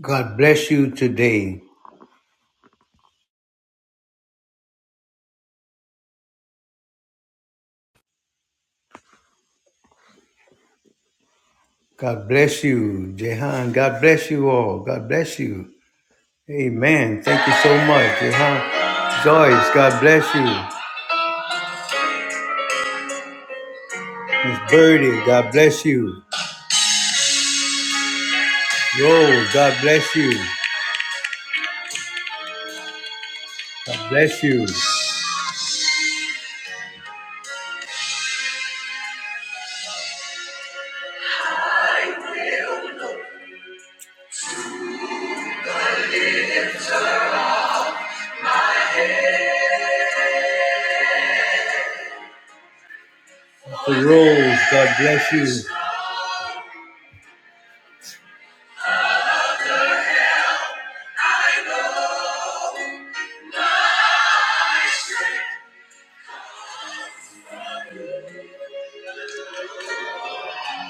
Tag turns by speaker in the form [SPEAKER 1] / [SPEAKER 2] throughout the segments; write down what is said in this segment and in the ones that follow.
[SPEAKER 1] God bless you today. God bless you, Jehan. God bless you all. God bless you. Amen. Thank you so much, Jehan. Joyce, God bless you. Miss Birdie, God bless you. Rose, God bless you. God bless you. Mr. Rose, God bless you.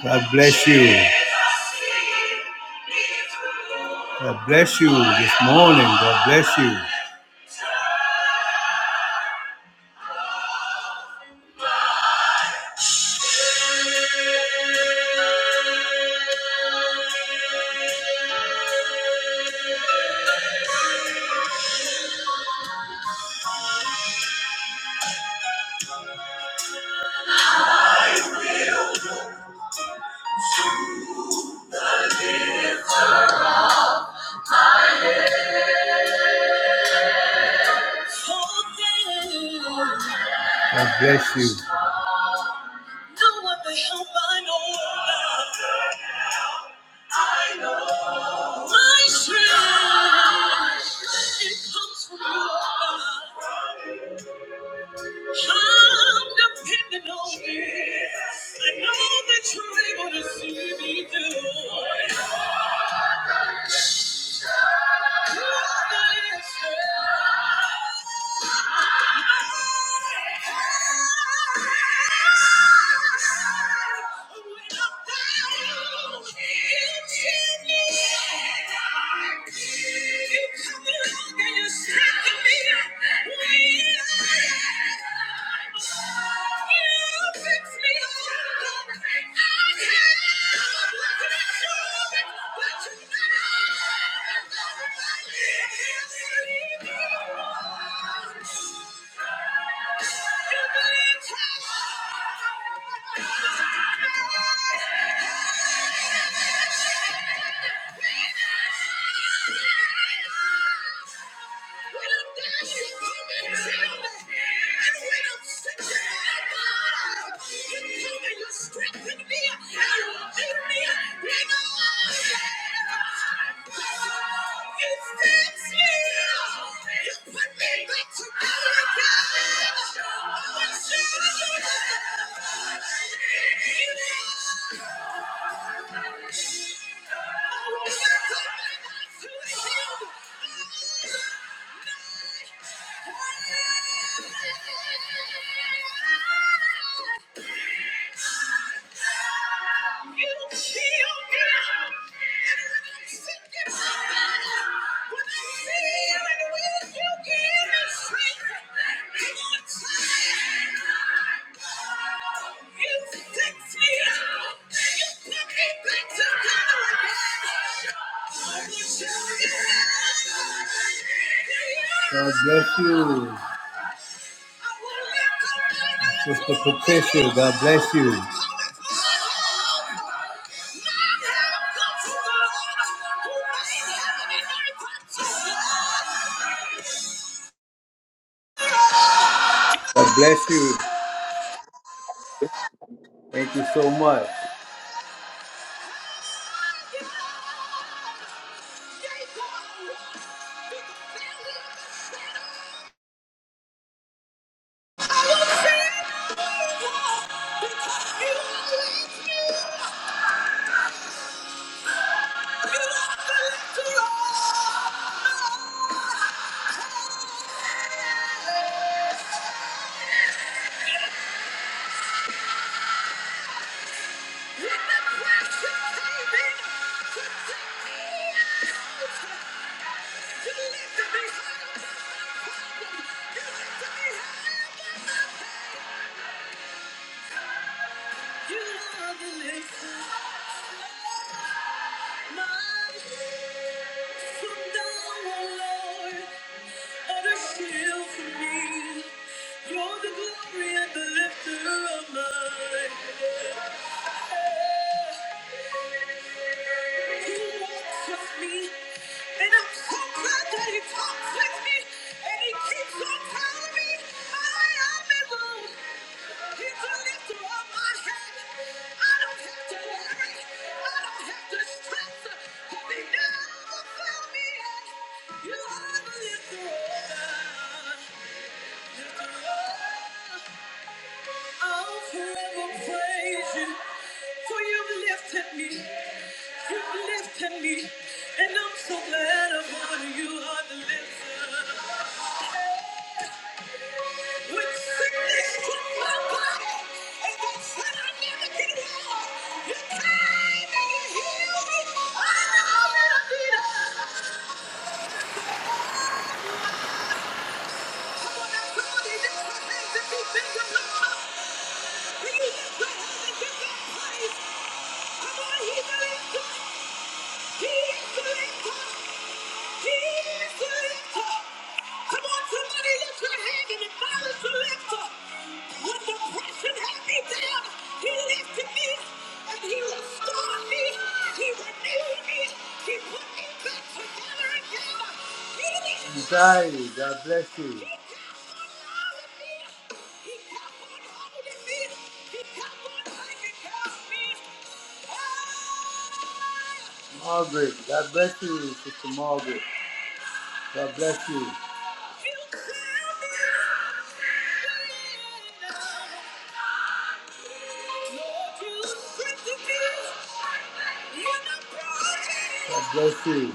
[SPEAKER 1] God bless you. God bless you this morning. God bless you. God bless you. My strength, it comes from you. I'm dependent on you. I know that you're able to see me through. You're my strength. Yeah. Strengthen me, you lead me, God bless you. Sister Patricia, God bless you. God bless you. Thank you so much. You are the lifter of my head. From now on, Lord, and shield for me. You're the glory and the lifter of my And I'm so glad that he talks with me and he keeps on telling me that I am in He's the lifter my head. I don't have to worry. I don't have to stress. he never failed me yet. You are the lifter. Lifter. I'll forever praise you, for you've lifted me, you've lifted me, and I'm so glad I'm on you are the lifter. When sickness took my body, and they said I never get well, you came and you healed me. I know that I did. it. Come on, now, somebody lift your hands and be thankful, Lord. Can you lift your hands and give God praise? Come on, He believes. to me. Anxiety, God bless you. Margaret, God bless you, Sister Margaret. God bless you. God bless you.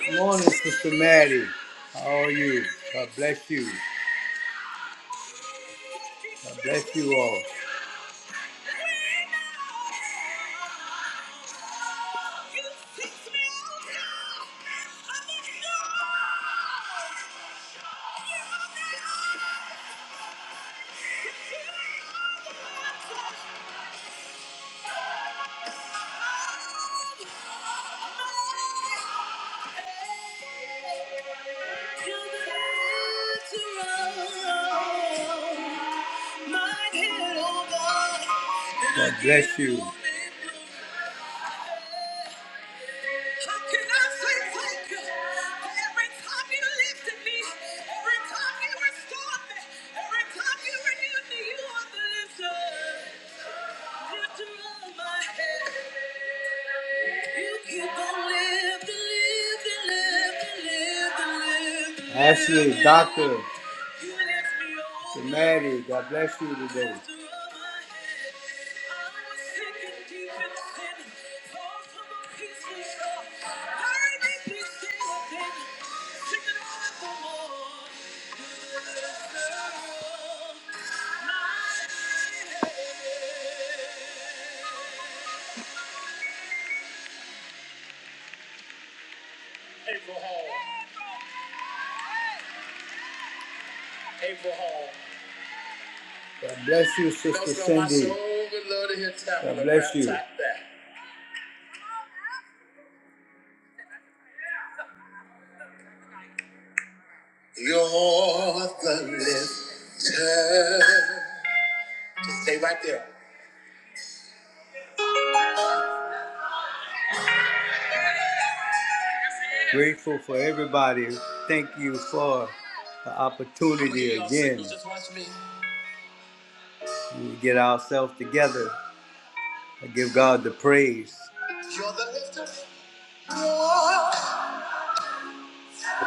[SPEAKER 1] Good Morning, Sister Maddie. How are you? God bless you. God bless you all. God bless you. How can I say thank you? Every time you lifted me, every time you restored me, every time you renewed me, you are the lifter. Lifter of my head. Ashley, Doctor, to Maddie, God bless you today. April Hall. God bless you, Sister Cindy. God bless you. You're the lifter. Just stay right there. Grateful for everybody. Thank you for the opportunity Y'all again. just watch me. We get ourselves together. I give God the praise. You're the lifter.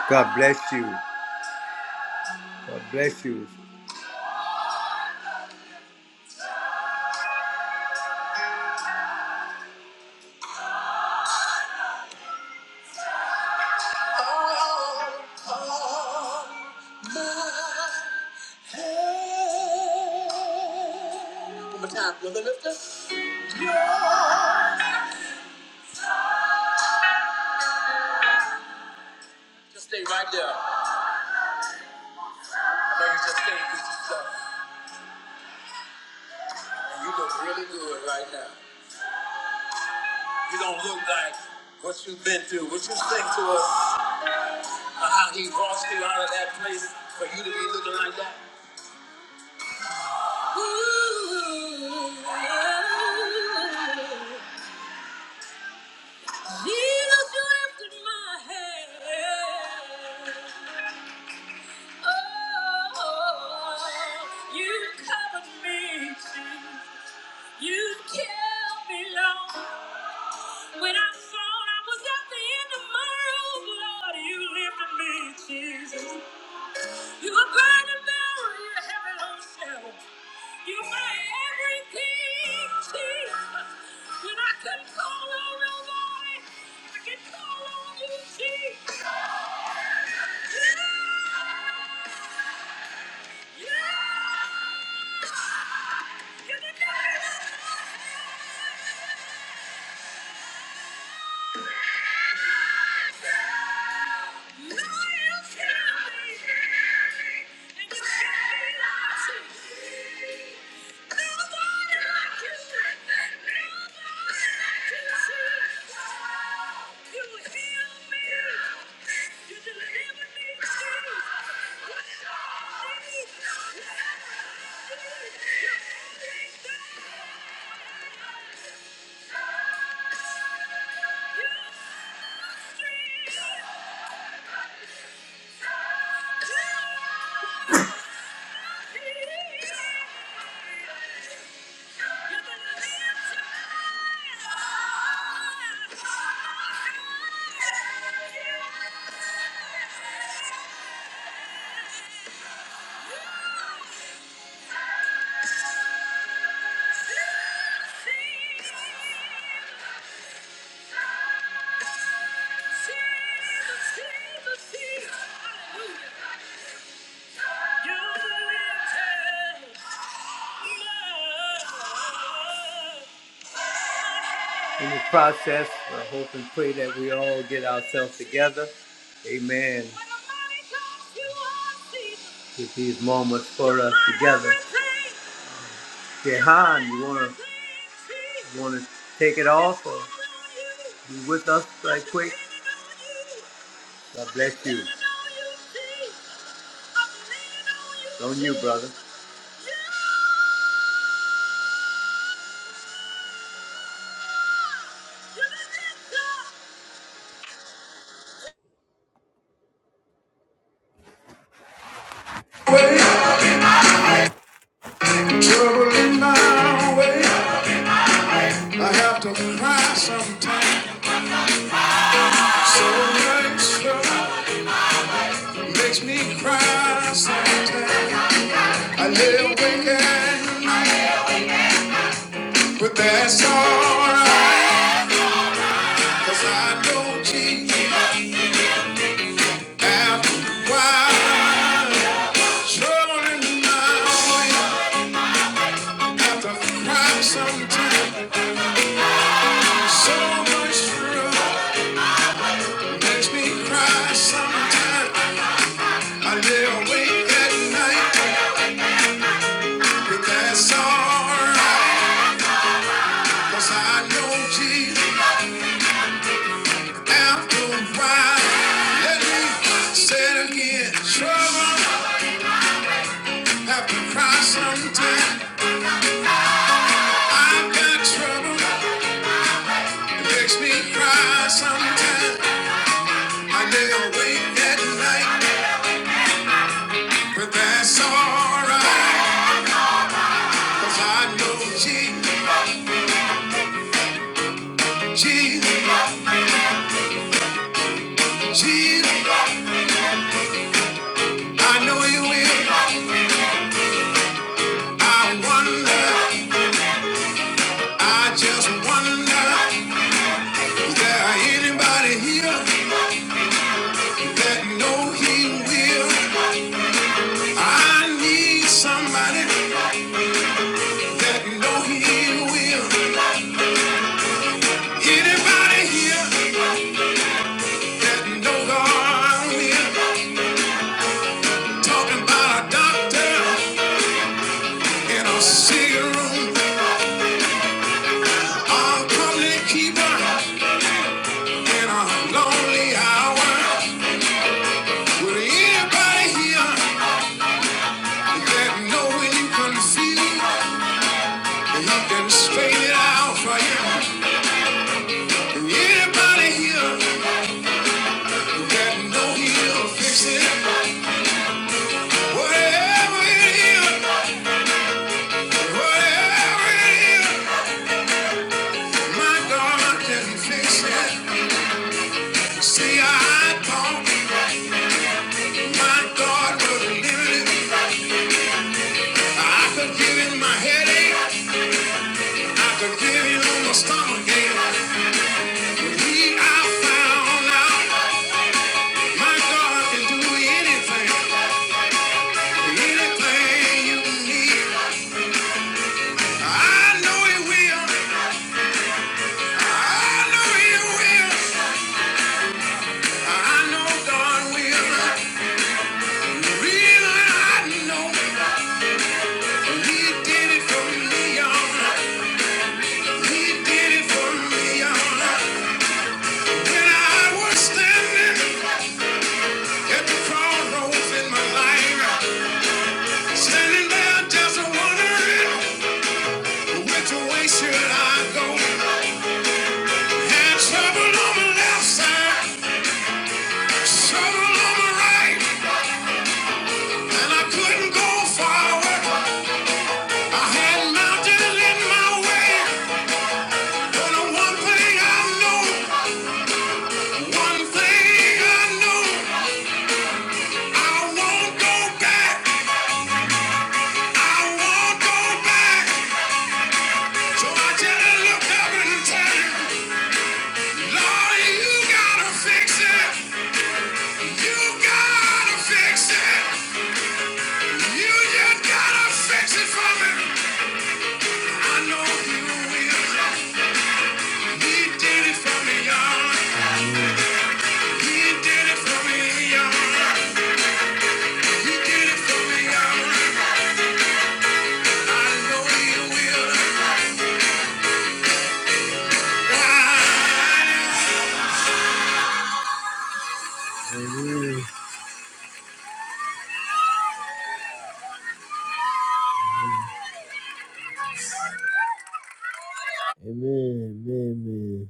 [SPEAKER 1] God bless you. God bless you. One more time, brother lifter. Just stay right there. I know you just came through some stuff. And you look really good right now. You don't look like what you've been through. What you sing to us, uh, how he brought you out of that place for you to be looking like that. Ooh, Jesus, you lifted my head. Oh, you covered me, Jesus. You kept me low. When I thought I was at the end of my rope, Lord, you lifted me, Jesus. You were burning barrel, you were heavy on shelf. You were my everything, Jesus. When I couldn't call on nobody, I could call on you, Jesus. Yeah. Thank you. Hallelujah. You're the lifter. In the process, I hope and pray that we all get ourselves together. Amen. Get these moments for us together. Jehan, you wanna you wanna take it off or be with us right quick? God bless you. It's on you, brother.
[SPEAKER 2] way, trouble in my way. I have to cry sometimes. So much makes me cry sometimes. I lay awake at night, but that's all right, 'cause I know Jesus after a while. Trouble in my way, I have to cry sometimes. So much trouble makes me cry sometimes. I lay awake at night. That's all right, 'cause I know Jesus after a Let me say it again. Trouble have to cry sometime. I've got trouble, it makes me cry sometime. I lay awake at night, but that's all right, 'cause I know Jesus, Jesus, Jesus. I know you will. I wonder, I just wonder, is there anybody here? that know he will. I need somebody that know he will. Anybody here that know God will. Talking about a doctor in a sick room, a company keeper in a lonely hour. Will anybody here that know when you confused, he can straighten it out for you? Anybody here that know he'll fix it? Whatever it is, whatever it is, my God can fix it. See, I thought my God was limited. I could give him my headache, I could give him my stomach ache. But found out, my God can do anything, anything you need. I know He will, I know He will, I know God will. The reason I know. He did it for me, He did it for me, When I was standing at the crossroads in my life, standing there just wondering which way should I go. Had trouble on my left side, trouble on my right, and I couldn't go forward. I had mountains in my way, but one thing I knew, one thing I know, I won't go back. I won't go back. So I just look up and tell you, Lord, you gotta fix it. You gotta fix it. You just gotta fix it for me. I know you will. He did it for me, y'all. He did it for me, y'all. He did it for me, y'all. I know you will. Why? Amen. Amen.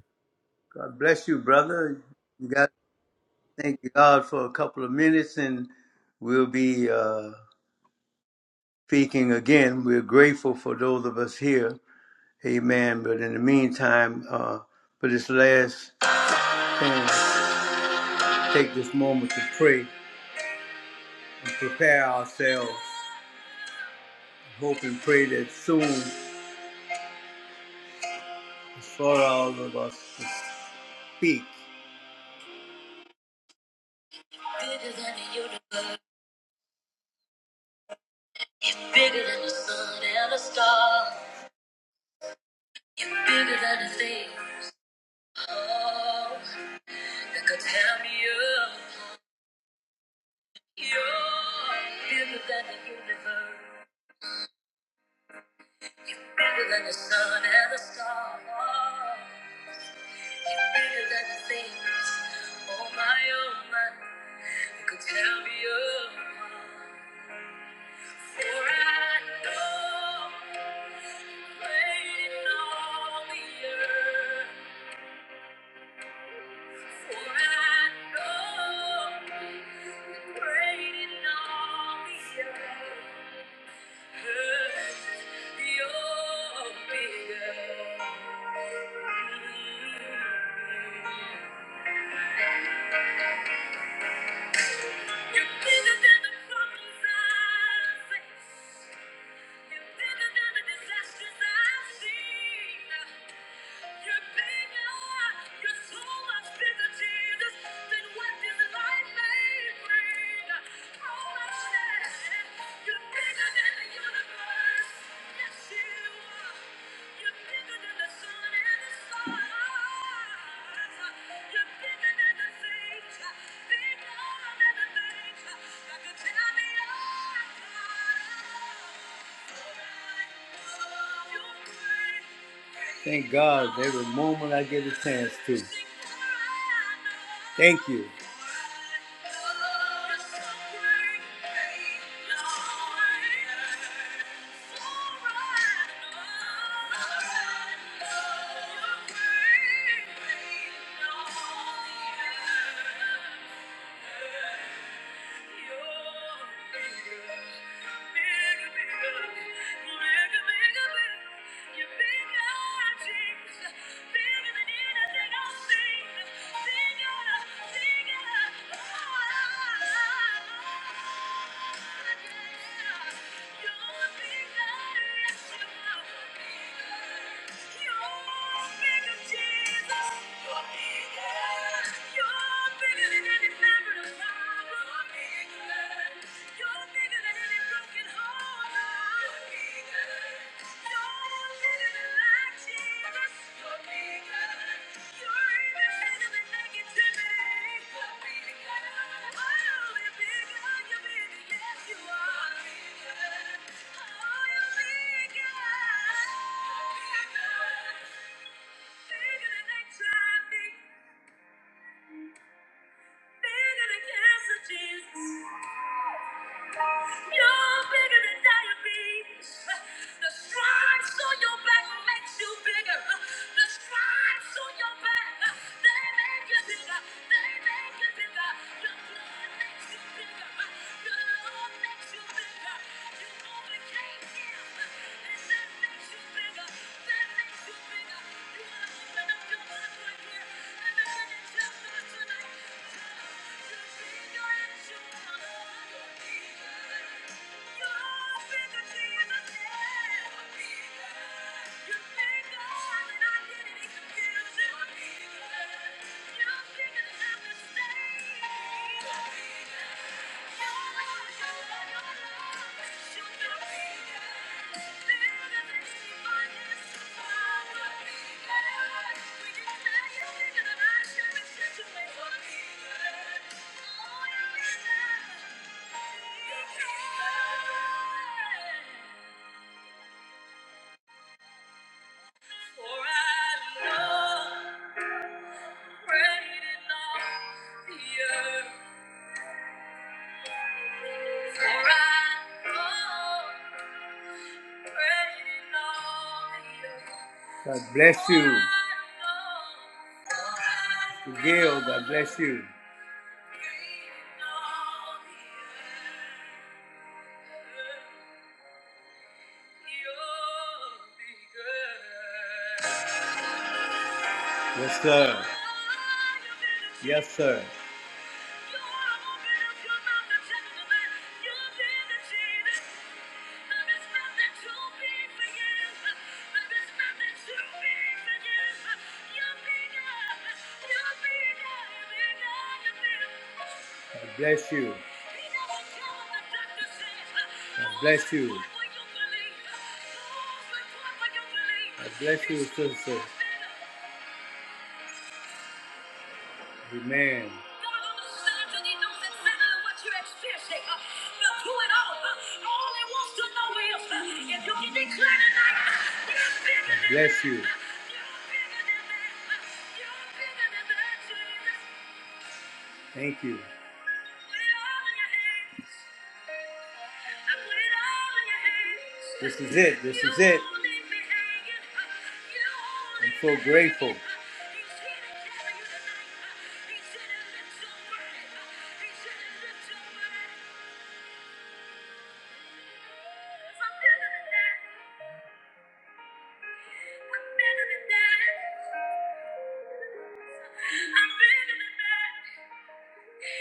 [SPEAKER 1] God bless you, brother. You got to thank God for a couple of minutes, and we'll be uh, speaking again. We're grateful for those of us here. Amen. But in the meantime, uh, for this last thing, take this moment to pray and prepare ourselves. Hope and pray that soon, for all of us to speak. Bigger than the universe, bigger than the sun and the stars. You're bigger than the things. That could tear me up. You're bigger than the universe, bigger than the sun and the stars. You're bigger than the things on my own mind that could tear me up. For I know. you're you're all all the the earth. earth. For I know, you're great in all the earth. than then what this life may bring? Oh, my Thank God every moment I get a chance to. Thank you. You're bigger, bigger, bigger, bigger. You're bigger. Jesus. You're bigger than any fabric of time. Bigger than cancer, Jesus. You're bigger than diabetes. The stripes on your back makes you bigger. The stripes on your back, they make you bigger. They make you bigger. Your blood makes you bigger. Your love makes you bigger. You overcame death, and that makes you bigger. That makes you bigger. You want to open up your mouth right here and begin to tell God tonight. Yeah. For I know great in all the earth. For I know God bless you. Mister Gail, God bless you. Yes, sir. Yes, sir. God bless you. God bless you. God bless you, sister. Amen. God understands and He knows exactly what you're experiencing. Uh, through it all, uh, all He wants to know is uh, if you can declare tonight, uh, Bless you. uh, uh, Thank you. This is it. This is it. I'm so grateful.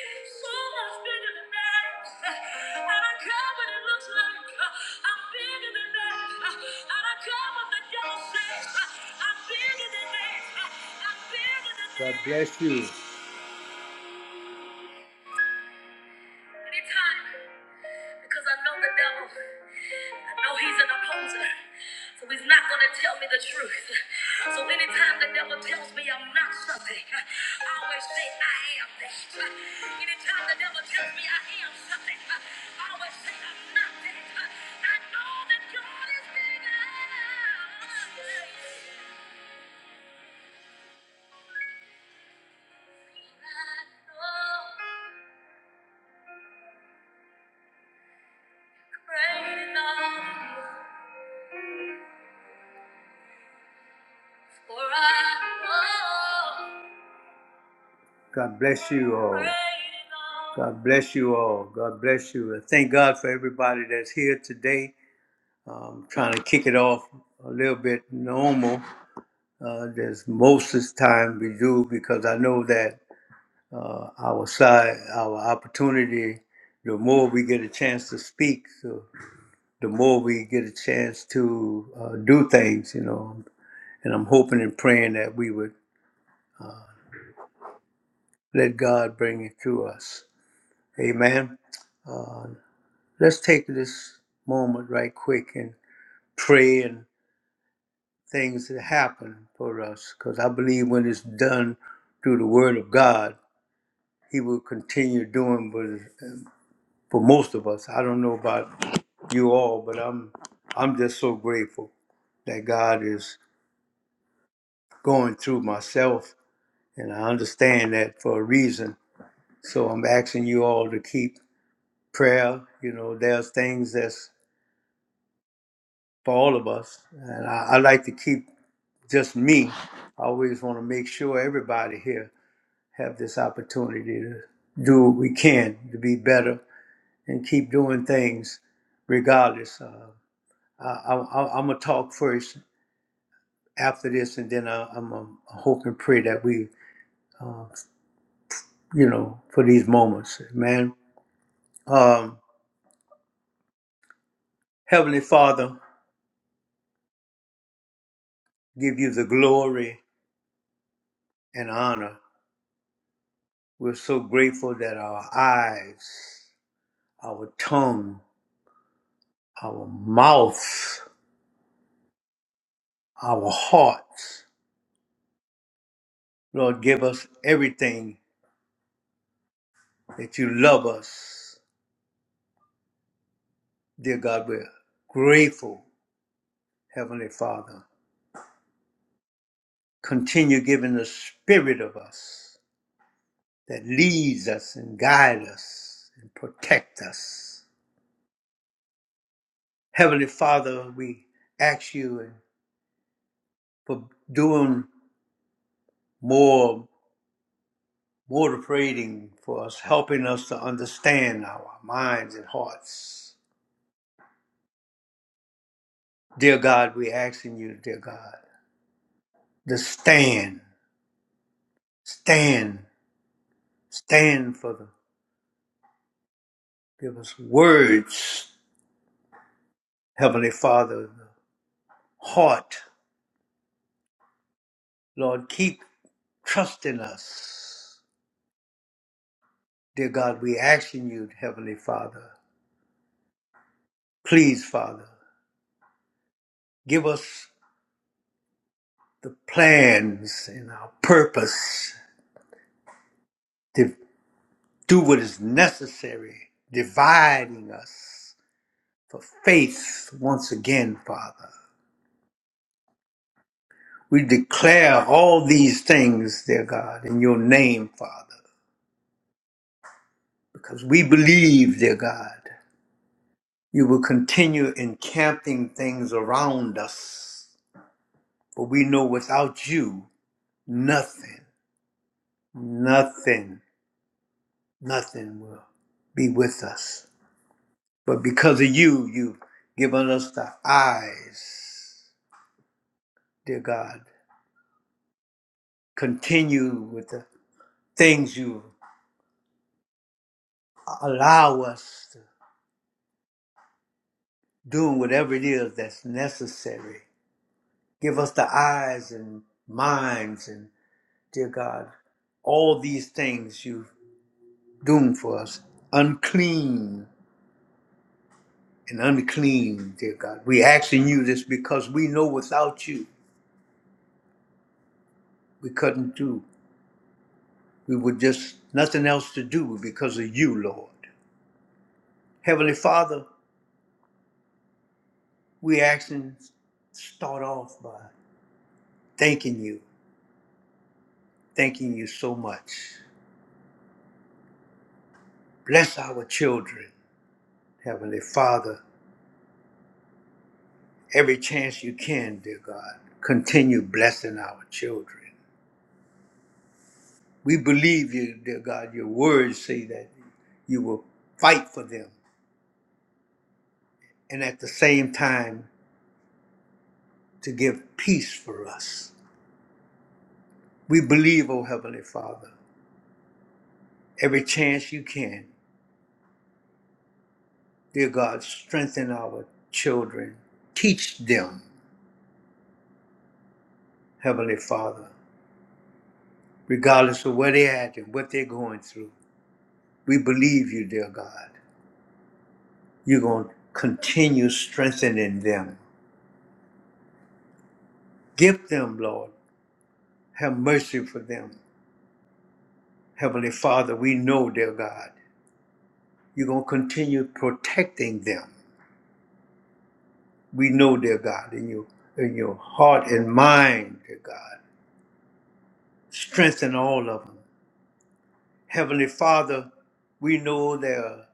[SPEAKER 1] So much bigger than that. And I care what it looks like. uh, I'm bigger than that. Uh, And I care what the devil says. uh, I'm bigger than that. Uh, I'm bigger than that. God bless you. Anytime. Because I know the devil. I know he's an opposer. So he's not going to tell me the truth. So anytime the devil tells me I'm not something, I always say I am that. Anytime the devil tells me I am something, I always say I'm not that. I know that God is bigger. I know great is God, for I know. God bless you all. God bless you all. God bless you. And thank God for everybody that's here today. Um, trying to kick it off a little bit normal. Uh, there's most of the time we do because I know that uh, our side, our opportunity, the more we get a chance to speak, so the more we get a chance to uh, do things, you know. And I'm hoping and praying that we would let God bring it to us. Amen. Uh, Let's take this moment right quick and pray and things that happen for us because I believe when it's done through the Word of God, He will continue doing what is- for most of us. I don't know about you all, but I'm I'm just so grateful that God is going through myself, and I understand that for a reason. So I'm asking you all to keep prayer. You know, there's things that's for all of us, and I, I like to keep just me. I always want to make sure everybody here have this opportunity to do what we can to be better and keep doing things regardless. Uh, I, I, I'm gonna talk first after this, and then I, I'm going to hope and pray that we, uh, you know, for these moments, man. Um, Heavenly Father, give you the glory and honor. We're so grateful that our eyes, our tongue, our mouth. our hearts. Lord, give us everything that you love us. Dear God, we're grateful, Heavenly Father. Continue giving the spirit of us that leads us and guides us and protect us. Heavenly Father, we ask you for doing more, more praying for us, helping us to understand our minds and hearts. Dear God, we asking you, dear God, to stand Stand, stand for the, give us words, Heavenly Father, the heart. Lord, keep trusting us. Dear God, we ask in you, Heavenly Father, please, Father, give us the plans and our purpose to do what is necessary, dividing us for faith once again, Father. We declare all these things, dear God, in your name, Father. because we believe, dear God, you will continue encamping things around us. For we know without you, nothing, nothing, nothing will be with us. But because of you, you've given us the eyes, dear God. Continue with the things you allow us to do, whatever it is that's necessary. Give us the eyes and minds and Dear God, all these things you've doomed for us, unclean and unclean, dear God. We asking you this because we know without you we couldn't do. We would just nothing else to do because of you, Lord. Heavenly Father, we asking start off by thanking you, thanking you so much. Bless our children, Heavenly Father, every chance you can, dear God. Continue blessing our children. We believe you, dear God. Your words say that you will fight for them and at the same time to give peace for us. We believe, O Heavenly Father, every chance you can, dear God, strengthen our children. Teach them, Heavenly Father, regardless of where they're at and what they're going through. We believe you, dear God. You're going to continue strengthening them. Give them, Lord, have mercy for them. Heavenly Father, we know, dear God, you're going to continue protecting them. We know, dear God, in your, in your heart and mind, dear God, strengthen all of them. Heavenly Father, we know they're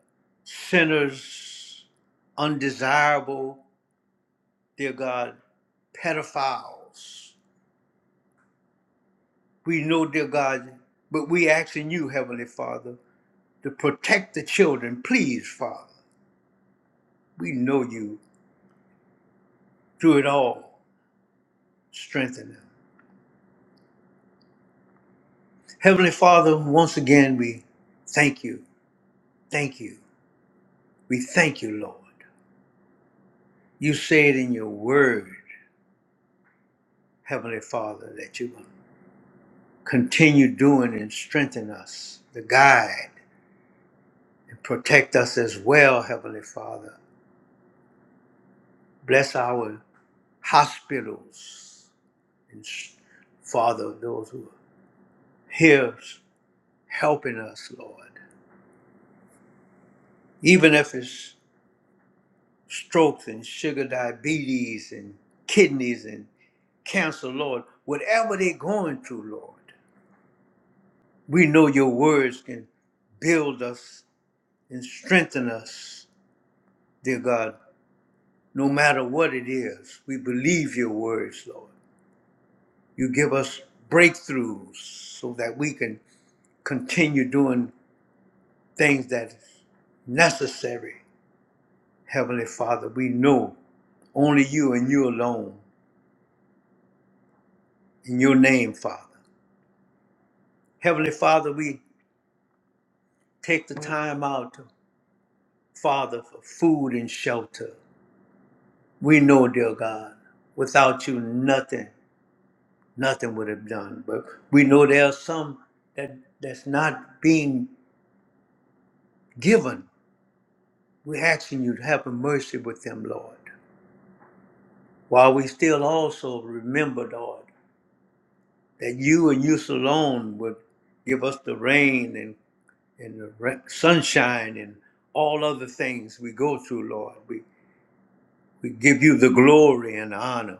[SPEAKER 1] sinners, undesirable, dear God, pedophiles. We know, dear God, but we asking you, Heavenly Father, to protect the children. Please, Father, we know you through it all. Strengthen them. Heavenly Father, once again, we thank you. Thank you. We thank you, Lord. You said in your word, Heavenly Father, that you will continue doing and strengthen us, the guide, and protect us as well, Heavenly Father. Bless our hospitals and, s- Father, those who are here helping us, Lord. Even if it's strokes and sugar diabetes and kidneys and cancer, Lord. Whatever they're going through, Lord, we know your words can build us and strengthen us, dear God. No matter what it is, we believe your words, Lord. You give us breakthroughs so that we can continue doing things that is necessary. Heavenly Father, we know only you and you alone in your name, Father. Heavenly Father, we take the time out, Father, for food and shelter. We know, dear God, without you, nothing, nothing would have done. But we know there are some that that's not being given. We're asking you to have mercy with them, Lord. While we still also remember, Lord, that you and you alone would give us the rain and, and the ra- sunshine and all other things we go through, Lord. We, we give you the glory and honor.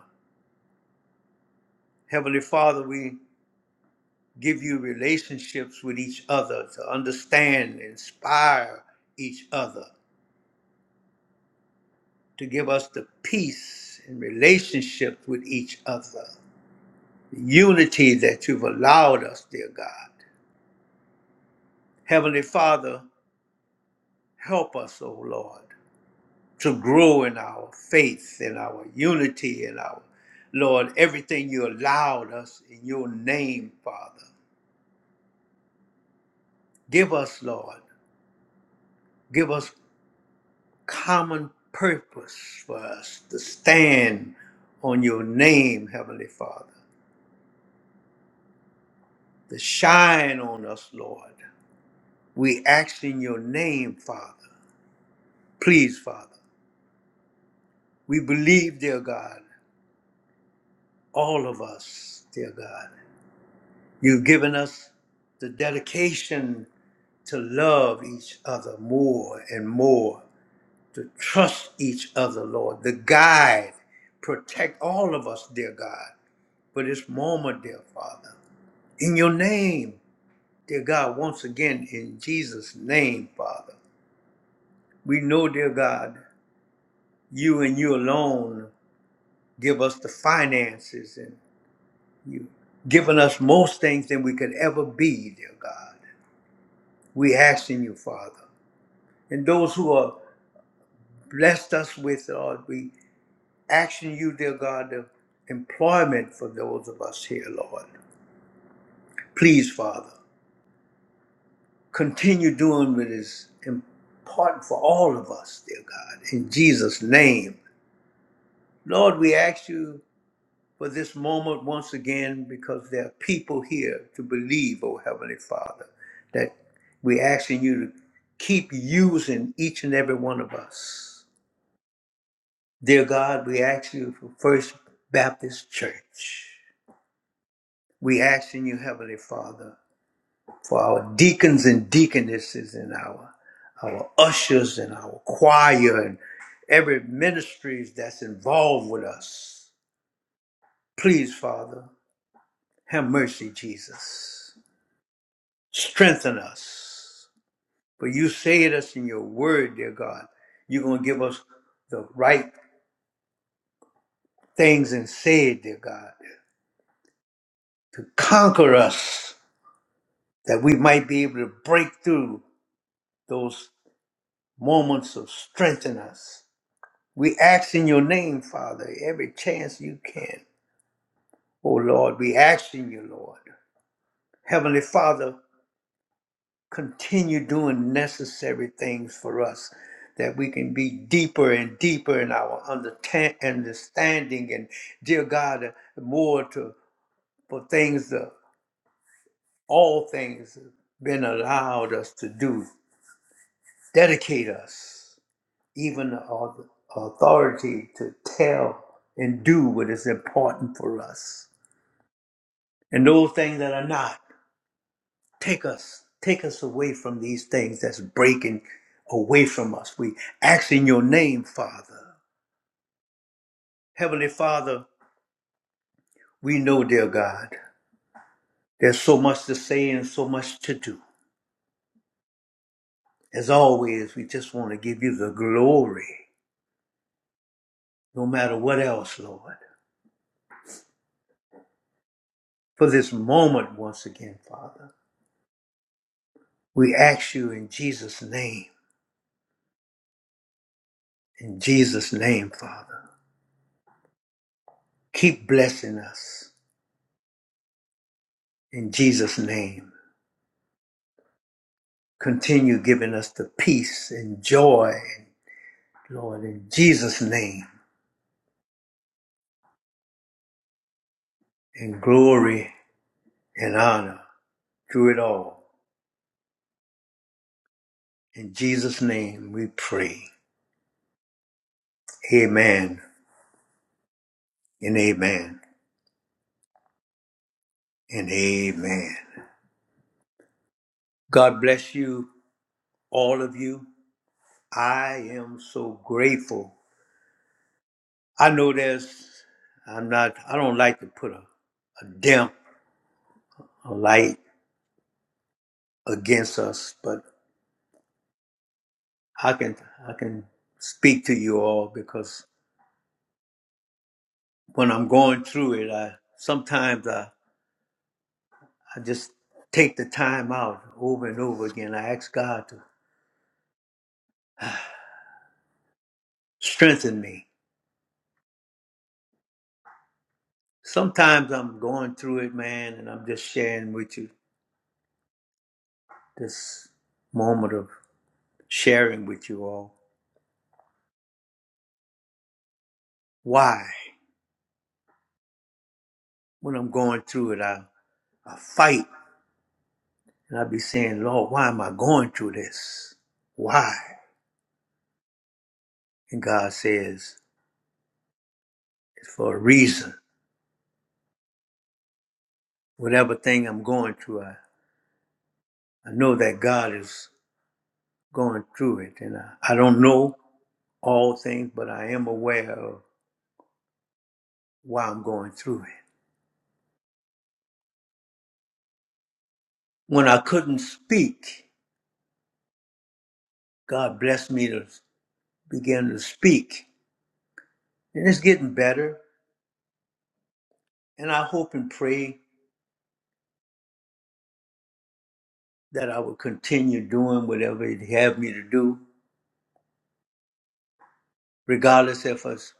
[SPEAKER 1] Heavenly Father, we give you relationships with each other to understand, inspire each other, to give us the peace and relationship with each other, the unity that you've allowed us, dear God. Heavenly Father, help us, O Lord, to grow in our faith, in our unity, in our Lord, everything you allowed us in your name, Father. Give us, Lord, give us common purpose for us to stand on your name, Heavenly Father, to shine on us, Lord. We ask in your name, Father. Please, Father. We believe, dear God, all of us, dear God. You've given us the dedication to love each other more and more, to trust each other, Lord, to guide, protect all of us, dear God, for this moment, dear Father. In your name, dear God, once again, in Jesus' name, Father, we know, dear God, you and you alone give us the finances and you have given us most things than we could ever be, dear God. We asking you, Father. And those who are blessed us with, Lord, we asking you, dear God, the employment for those of us here, Lord. Please, Father. continue doing what is important for all of us, dear God, in Jesus' name. Lord, we ask you for this moment once again because there are people here to believe, oh Heavenly Father, that we're asking you to keep using each and every one of us. Dear God, we ask you for First Baptist Church. We ask in you, Heavenly Father, for our deacons and deaconesses and our our ushers and our choir and every ministries that's involved with us. Please, Father, have mercy, Jesus. Strengthen us. For you say it us in your word, dear God. You're going to give us the right things and say it, dear God, to conquer us, that we might be able to break through those moments of strengthen us We ask in your name, Father, every chance you can. Oh Lord, we ask in you, Lord. Heavenly Father, continue doing necessary things for us that we can be deeper and deeper in our undertan- understanding and dear God, more to for things that all things have been allowed us to do. Dedicate us, even our authority to tell and do what is important for us. And those things that are not, take us. Take us away from these things that's breaking away from us. We ask in your name, Father. Heavenly Father, we know, dear God, there's so much to say and so much to do. As always, we just want to give you the glory, no matter what else, Lord, for this moment once again, Father. We ask you in Jesus' name, in Jesus' name, Father. Keep blessing us in Jesus' name. continue giving us the peace and joy, Lord, in Jesus' name, and glory and honor through it all. In Jesus' name we pray. Amen and amen and amen. God bless you, all of you. I am so grateful. I know there's, I'm not, I don't like to put a, a damp, a light against us, but I can, I can speak to you all because when I'm going through it, I sometimes I, I just take the time out over and over again. I ask God to strengthen me. Sometimes I'm going through it, man, and I'm just sharing with you this moment of sharing with you all. Why? When I'm going through it, I, I fight and I be saying, Lord, why am I going through this? Why? And God says, it's for a reason. Whatever thing I'm going through, I, I know that God is going through it. And I, I don't know all things, but I am aware of why I'm going through it. When I couldn't speak, God blessed me to begin to speak. And it's getting better. And I hope and pray that I will continue doing whatever it have me to do, regardless if it's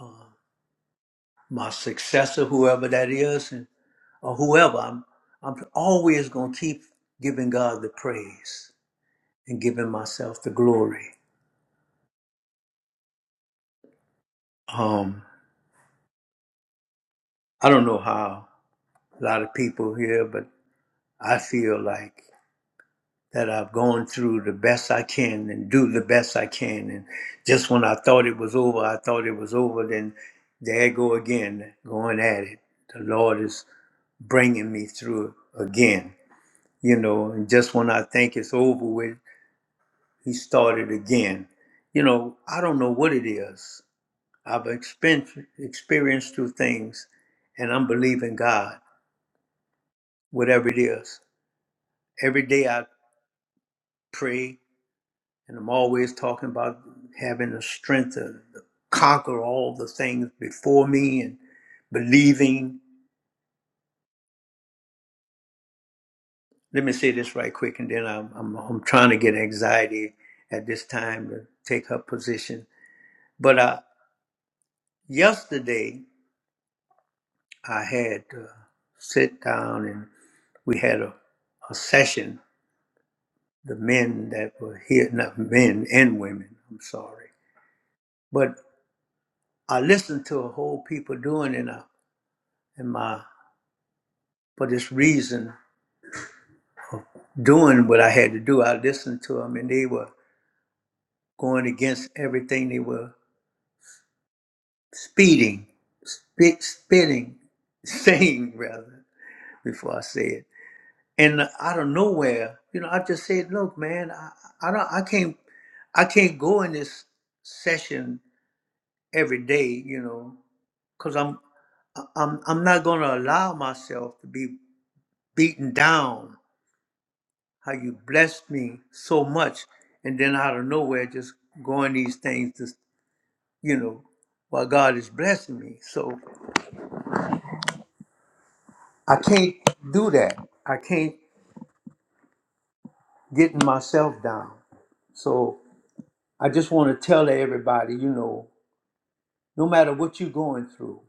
[SPEAKER 1] uh, my successor, whoever that is, and, or whoever. I'm, I'm always going to keep giving God the praise and giving myself the glory. Um, I don't know how a lot of people here, but I feel like that I've gone through the best I can and do the best I can. And just when I thought it was over, I thought it was over, then there I go again, going at it. The Lord is bringing me through again, you know. And just when I think it's over with, He started again. You know, I don't know what it is. I've experienced, experienced through things, and I'm believing God, whatever it is. Every day I pray, and I'm always talking about having the strength to to conquer all the things before me and believing. Let me say this right quick, and then I'm, I'm, I'm trying to get anxiety at this time to take her position. But uh, yesterday, I had to sit down and we had a, a session. The men that were here, not men and women, I'm sorry. But I listened to a whole people doing it. and my for this reason doing what I had to do. I listened to them, and they were going against everything. They were speeding, spit, spitting, saying rather before I say it. And out of nowhere, you know, I just said, "Look, man, I, I don't, I can't, I can't go in this session every day, you know, because I'm, I'm, I'm not going to allow myself to be beaten down how you blessed me so much, and then out of nowhere, just going these things to, you know, while God is blessing me. So I can't do that. I can't get myself down. So I just want to tell everybody, you know, no matter what you're going through,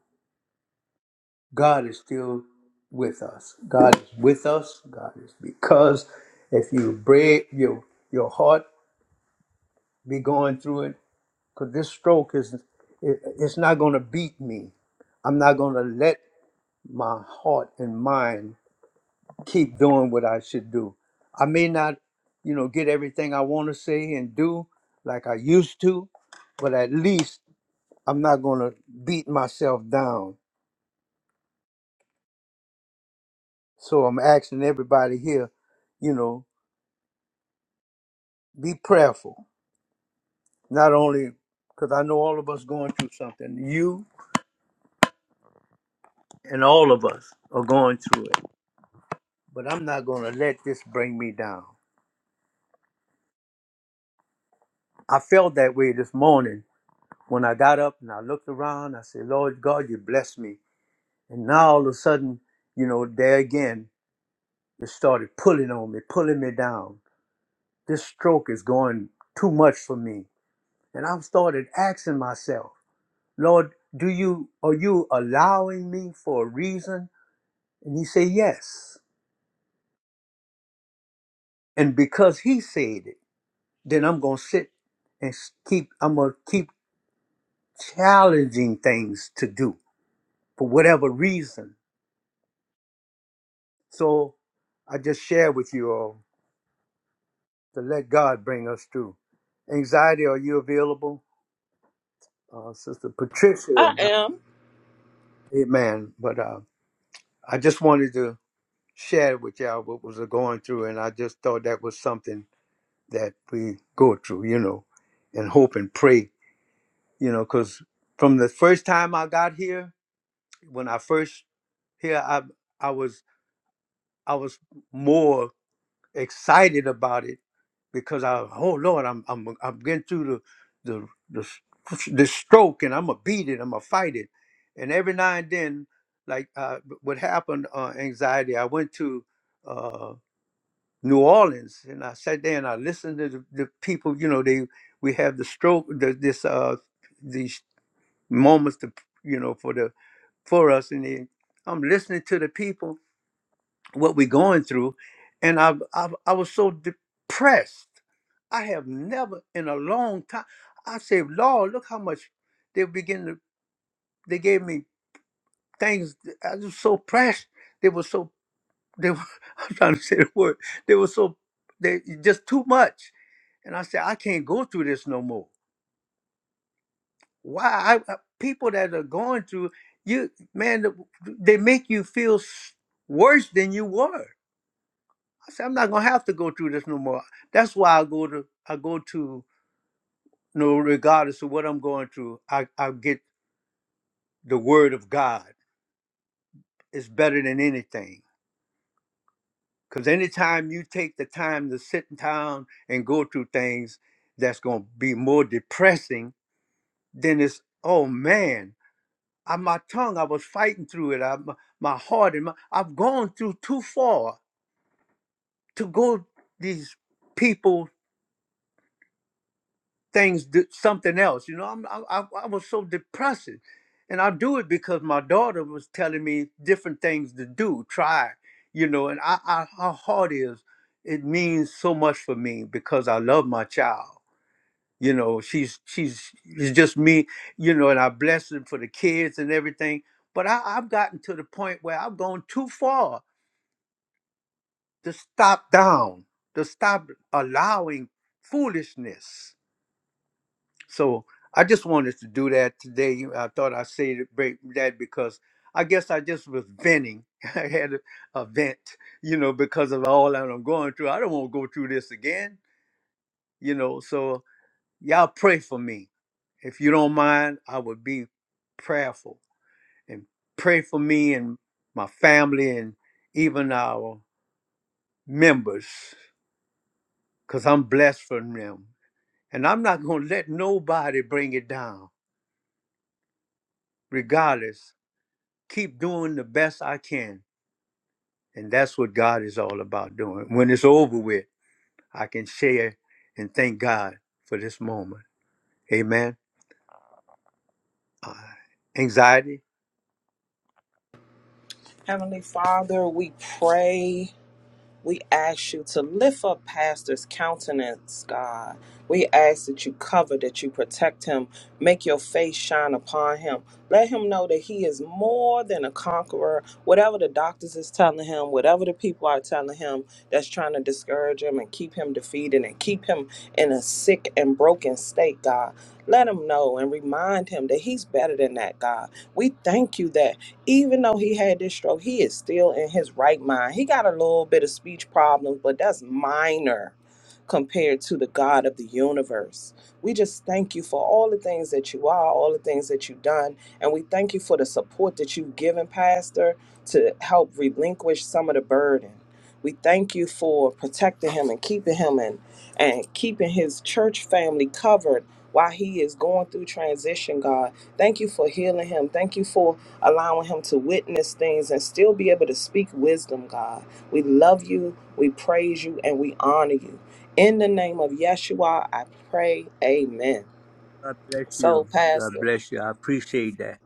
[SPEAKER 1] God is still with us. God is with us. God is because if you break your your heart be going through it, because this stroke is it, it's not going to beat me i'm not going to let my heart and mind keep doing what i should do i may not you know get everything i want to say and do like i used to but at least i'm not going to beat myself down so i'm asking everybody here you know be prayerful not only because i know all of us going through something you and all of us are going through it but I'm not going to let this bring me down. I felt that way this morning when I got up and I looked around. I said, Lord God, you bless me. And now all of a sudden, you know, there again, it started pulling on me, pulling me down. This stroke is going too much for me. And I started asking myself, Lord, do you are you allowing me for a reason? And he said, Yes. And because he said it, then I'm gonna sit and s- keep. I'm gonna keep challenging things to do for whatever reason. So I just share with you all to let God bring us through. Anxiety, are you available? Uh, Sister
[SPEAKER 3] I
[SPEAKER 1] Patricia,
[SPEAKER 3] am.
[SPEAKER 1] amen. But uh, I just wanted to share with y'all what was going through, and I just thought that was something that we go through, you know, and hope and pray, you know, because from the first time I got here, when I first here, I I was I was more excited about it because I, oh Lord, I'm I'm I'm getting through the the the, s- the stroke, and I'm gonna beat it, I'm gonna fight it, and every now and then, like uh, what happened, uh, anxiety. I went to uh, New Orleans, and I sat there and I listened to the, the people. You know, they we have the stroke, the, this uh, these moments to you know for the for us, and they, I'm listening to the people what we're going through, and I I, I was so depressed I have never in a long time. I said, Lord, look how much they begin to. They gave me things. that I was so pressed. They were so. They were. I'm trying to say the word. They were so. They just too much. And I said, I can't go through this no more. Why? I, I- people that are going through you, man, th- they make you feel s- worse than you were. I said, I'm not gonna have to go through this no more. That's why I go to. I go to. No, regardless of what I'm going through, I, I get the word of God is better than anything. Because anytime you take the time to sit down and go through things that's going to be more depressing, then it's, oh man, I, my tongue, I was fighting through it. I, my, my heart, and my, I've gone through too far to go these people things do something else. You know, I'm, I, I I was so depressed, and I do it because my daughter was telling me different things to do, try. You know, and I, I how hard it is. It means so much for me because I love my child. You know, she's she's it's just me. You know, and I bless them for the kids and everything. But I, I've gotten to the point where I've gone too far to stop down, to stop allowing foolishness So I just wanted to do that today. I thought I said it break that because I guess I just was venting. I had a, a vent, you know, because of all that I'm going through. I don't want to go through this again, you know. So y'all pray for me. If you don't mind, I would be prayerful and pray for me and my family and even our members because I'm blessed from them. And I'm not going to let nobody bring it down, regardless. keep doing the best I can. And that's what God is all about doing. When it's over with, I can share and thank God for this moment. Amen. Anxiety?
[SPEAKER 3] Heavenly Father, we pray. We ask you to lift up Pastor's countenance, God. We ask that you cover, that you protect him, make your face shine upon him. Let him know that he is more than a conqueror. Whatever the doctors is telling him, whatever the people are telling him that's trying to discourage him and keep him defeated and keep him in a sick and broken state, God. Let him know and remind him that he's better than that, God. We thank you that. even though he had this stroke, he is still in his right mind. He got a little bit of speech problems, but that's minor compared to the God of the universe. We just thank you for all the things that you are, all the things that you've done, and we thank you for the support that you've given, Pastor, to help relinquish some of the burden. We thank you for protecting him and keeping him and, and keeping his church family covered while he is going through transition, God. Thank you for healing him. Thank you for allowing him to witness things and still be able to speak wisdom, God. We love you, we praise you, and we honor you. In the name of Yeshua, I pray, amen.
[SPEAKER 1] God bless you.
[SPEAKER 3] So,
[SPEAKER 1] God
[SPEAKER 3] Pastor,
[SPEAKER 1] bless you. I appreciate that.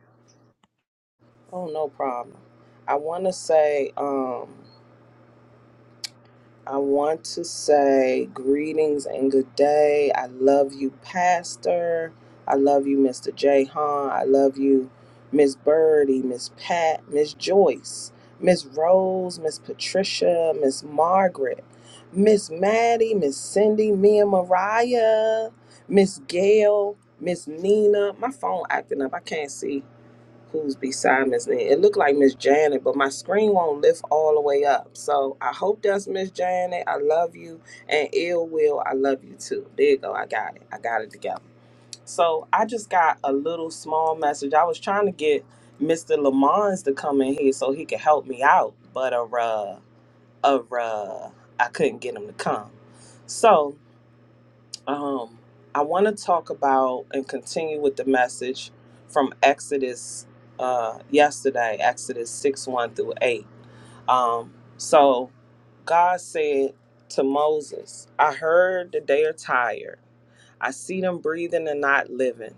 [SPEAKER 3] oh, no problem. I want to say, um, I want to say greetings and good day. I love you, Pastor. I love you, Mr. J. Han. I love you, Miss Birdie, Miss Pat, Miss Joyce, Miss Rose, Miss Patricia, Miss Margaret, Miss Maddie, Miss Cindy, Mia Mariah, Miss Gail, Miss Nina. My phone acting up. I can't see who's beside Miss Lynn. It looked like Miss Janet, but my screen won't lift all the way up. So I hope that's Miss Janet. I love you. And ill will, I love you too. There you go. I got it. I got it together. So I just got a little small message. I was trying to get Mr. Lamons to come in here so he could help me out, but uh, uh, uh, I couldn't get him to come. So um, I want to talk about and continue with the message from Exodus uh, yesterday, Exodus 6 1 through 8. Um, so God said to Moses, I heard that they are tired. I see them breathing and not living.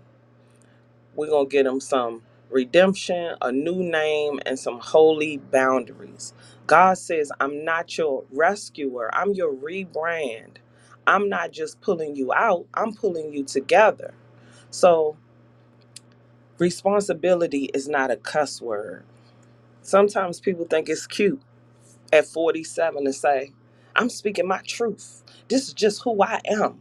[SPEAKER 3] We're going to get them some redemption, a new name, and some holy boundaries. God says, I'm not your rescuer, I'm your rebrand. I'm not just pulling you out, I'm pulling you together. So, responsibility is not a cuss word. Sometimes people think it's cute at 47 to say, I'm speaking my truth. This is just who I am.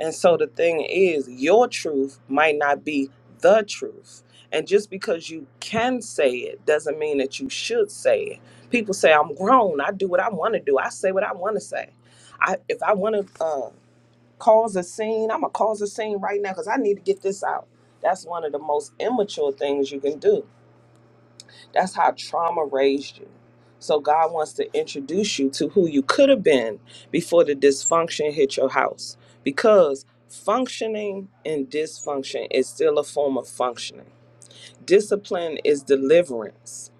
[SPEAKER 3] And so the thing is, your truth might not be the truth. And just because you can say it doesn't mean that you should say it. People say, I'm grown. I do what I want to do. I say what I want to say. I, if I want to uh, cause a scene, I'm going to cause a scene right now because I need to get this out. That's one of the most immature things you can do that's how trauma raised you. So God wants to introduce you to who you could have been before the dysfunction hit your house. Because functioning and dysfunction is still a form of functioning. Discipline is deliverance.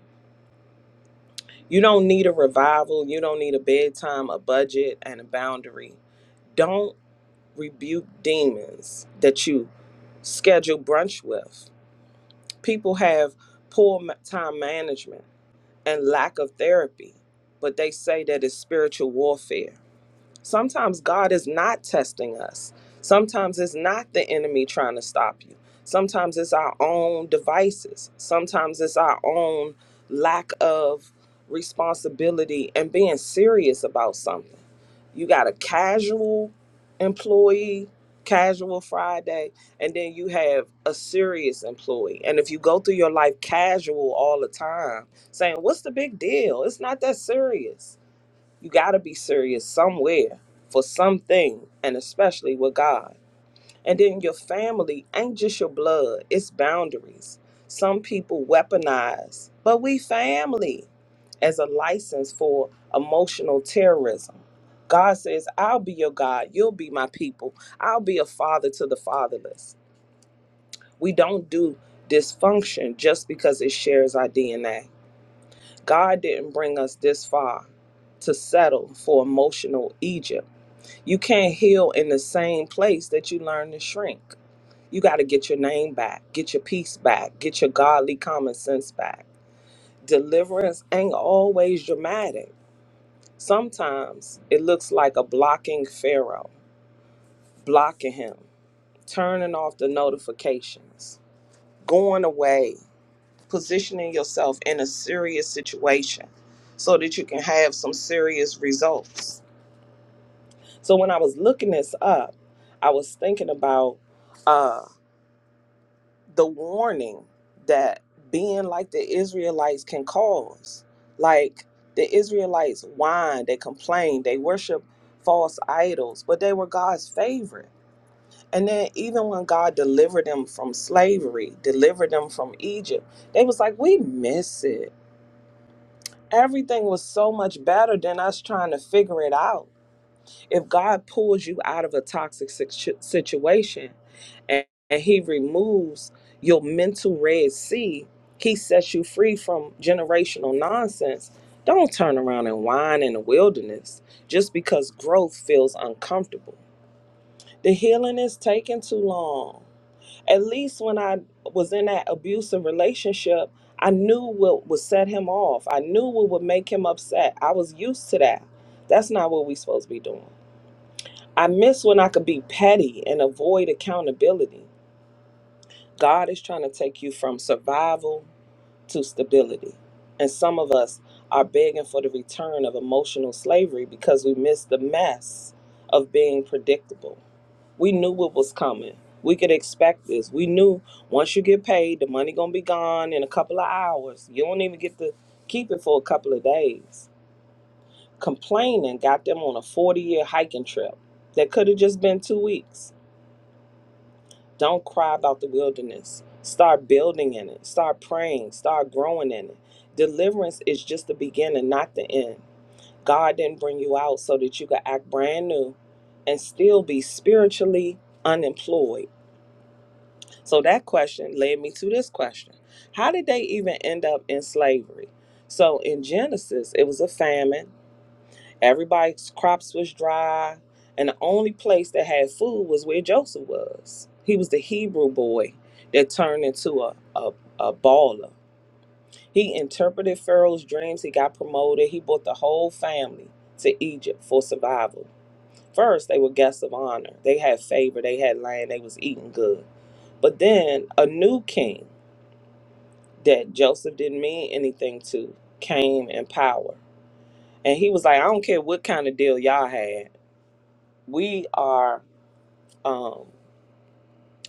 [SPEAKER 3] You don't need a revival, you don't need a bedtime, a budget, and a boundary. Don't rebuke demons that you schedule brunch with. People have poor ma- time management and lack of therapy, but they say that it's spiritual warfare. Sometimes God is not testing us. Sometimes it's not the enemy trying to stop you. Sometimes it's our own devices. Sometimes it's our own lack of responsibility and being serious about something. You got a casual employee, casual Friday, and then you have a serious employee. And if you go through your life casual all the time, saying, What's the big deal? It's not that serious you got to be serious somewhere for something, and especially with God. And then your family ain't just your blood, it's boundaries. Some people weaponize, but we family as a license for emotional terrorism. God says, I'll be your God, you'll be my people, I'll be a father to the fatherless. We don't do dysfunction just because it shares our DNA. God didn't bring us this far to settle for emotional Egypt you can't heal in the same place that you learn to shrink. You got to get your name back, get your peace back, get your godly common sense back. Deliverance ain't always dramatic. Sometimes it looks like a blocking Pharaoh, blocking him, turning off the notifications, going away, positioning yourself in a serious situation so that you can have some serious results. So when I was looking this up, I was thinking about. uh, the warning that being like the Israelites can cause. Like the Israelites whined, they complained, they worshiped false idols, but they were God's favorite. And then even when God delivered them from slavery, delivered them from Egypt, they was like, we miss it. Everything was so much better than us trying to figure it out. If God pulls you out of a toxic situ- situation and, and He removes your mental red sea, He sets you free from generational nonsense. Don't turn around and whine in the wilderness just because growth feels uncomfortable. The healing is taking too long. At least when I was in that abusive relationship, I knew what would set him off. I knew what would make him upset. I was used to that. That's not what we are supposed to be doing. I miss when I could be petty and avoid accountability. God is trying to take you from survival to stability. And some of us are begging for the return of emotional slavery because we miss the mess of being predictable. We knew what was coming. We could expect this. We knew once you get paid, the money gonna be gone in a couple of hours. You don't even get to keep it for a couple of days. Complaining got them on a 40 year hiking trip that could have just been two weeks. Don't cry about the wilderness. Start building in it. Start praying. Start growing in it. Deliverance is just the beginning, not the end. God didn't bring you out so that you could act brand new and still be spiritually unemployed. So that question led me to this question How did they even end up in slavery? So in Genesis, it was a famine Everybody's crops was dry, and the only place that had food was where Joseph was. He was the Hebrew boy that turned into a, a, a baller. He interpreted Pharaoh's dreams. He got promoted. He brought the whole family to Egypt for survival. First, they were guests of honor. They had favor. They had land. They was eating good. But then a new king that Joseph didn't mean anything to came in power. And he was like, I don't care what kind of deal y'all had. We are Um,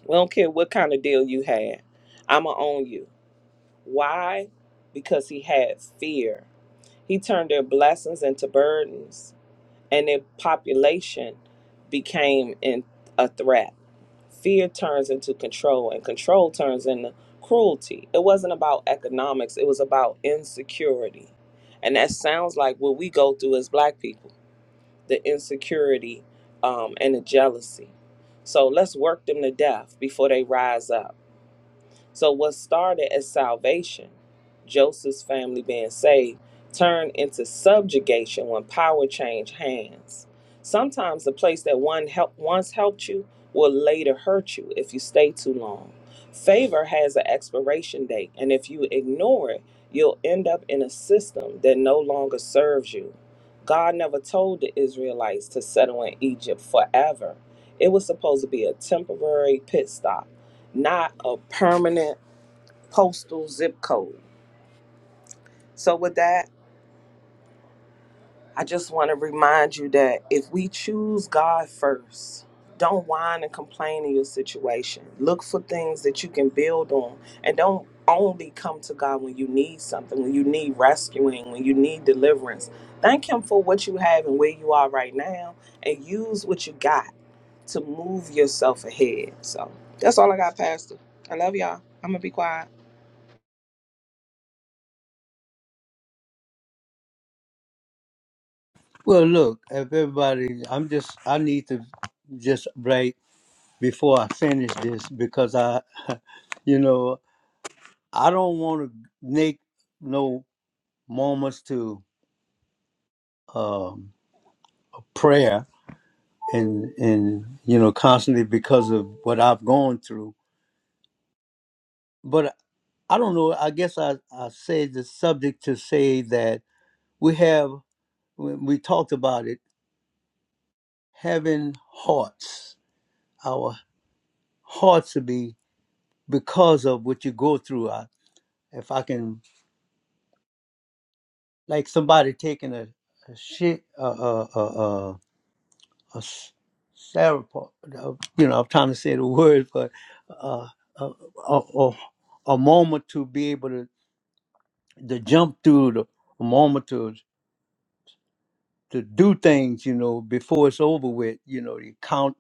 [SPEAKER 3] we don't care what kind of deal you had. I'ma own you. Why? Because he had fear. He turned their blessings into burdens, and their population became in a threat. Fear turns into control, and control turns into cruelty. It wasn't about economics; it was about insecurity, and that sounds like what we go through as Black people the insecurity, um, and the jealousy. So let's work them to death before they rise up. So, what started as salvation, Joseph's family being saved, turned into subjugation when power changed hands. Sometimes the place that one help, once helped you will later hurt you if you stay too long. Favor has an expiration date, and if you ignore it, you'll end up in a system that no longer serves you. God never told the Israelites to settle in Egypt forever. It was supposed to be a temporary pit stop not a permanent postal zip code. So, with that, I just want to remind you that if we choose God first, don't whine and complain in your situation. Look for things that you can build on and don't only come to God when you need something, when you need rescuing, when you need deliverance. Thank Him for what you have and where you are right now and use what you got to move yourself ahead. So, that's all I got, Pastor. I love y'all. I'm going to be quiet.
[SPEAKER 1] Well, look, if everybody, I'm just, I need to just break before I finish this because I, you know, I don't want to make no moments to um, prayer and and you know constantly because of what I've gone through. But I don't know. I guess I I said the subject to say that we have when we talked about it having hearts. Our hearts to be because of what you go through. I, if I can, like somebody taking a, a shit, a a a, a, a s- sarap- uh, you know, I'm trying to say the word, but uh, a, a, a a moment to be able to to jump through the moment to to do things, you know, before it's over with. You know, you count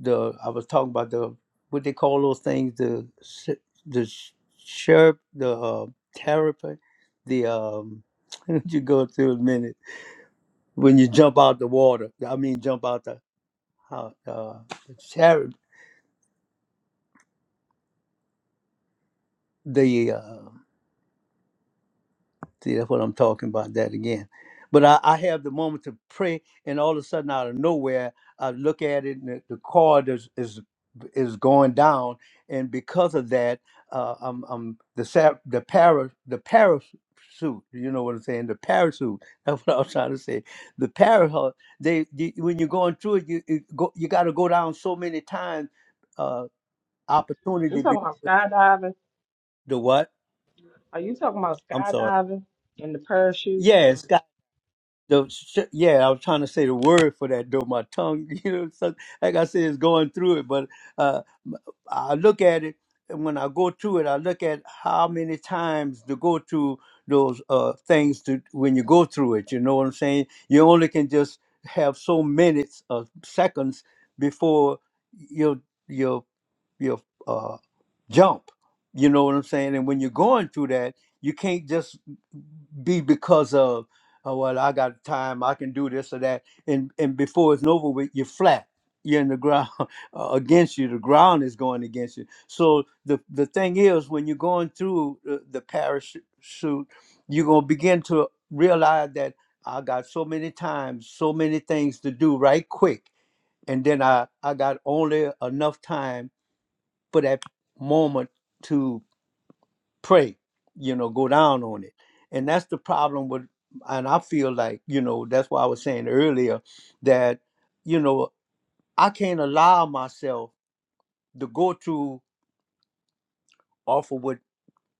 [SPEAKER 1] the. I was talking about the what they call those things the s- the sh- sheriff, the uh, therapy, the um. you go through a minute when you jump out the water. I mean, jump out the uh, uh, the chariot. See, that's what I'm talking about, that again. But I, I have the moment to pray, and all of a sudden, out of nowhere, I look at it, and the, the card is, is is going down, and because of that, uh, I'm, I'm the sa- the para the parachute. You know what I'm saying? The parachute. That's what I was trying to say. The parachute. They, they when you're going through it, you you, go, you got to go down so many times. Uh,
[SPEAKER 3] You
[SPEAKER 1] opportunity. be-
[SPEAKER 3] talking about skydiving?
[SPEAKER 1] The what?
[SPEAKER 3] Are you talking about
[SPEAKER 1] I'm sorry.
[SPEAKER 3] skydiving and the parachute?
[SPEAKER 1] Yes, the sh- yeah, I was trying to say the word for that though. My tongue, you know, so, like I said, it's going through it. But uh, I look at it and when I go through it. I look at how many times to go through those uh, things to when you go through it. You know what I'm saying? You only can just have so minutes or seconds before your your your uh jump. You know what I'm saying? And when you're going through that, you can't just be because of, oh well, I got time, I can do this or that, and and before it's over with, you're flat. You're in the ground uh, against you. The ground is going against you. So the the thing is, when you're going through the, the parachute, you're gonna begin to realize that I got so many times, so many things to do right quick, and then I I got only enough time for that moment to pray, you know, go down on it. And that's the problem with, and I feel like, you know, that's why I was saying earlier that, you know, I can't allow myself to go through off of what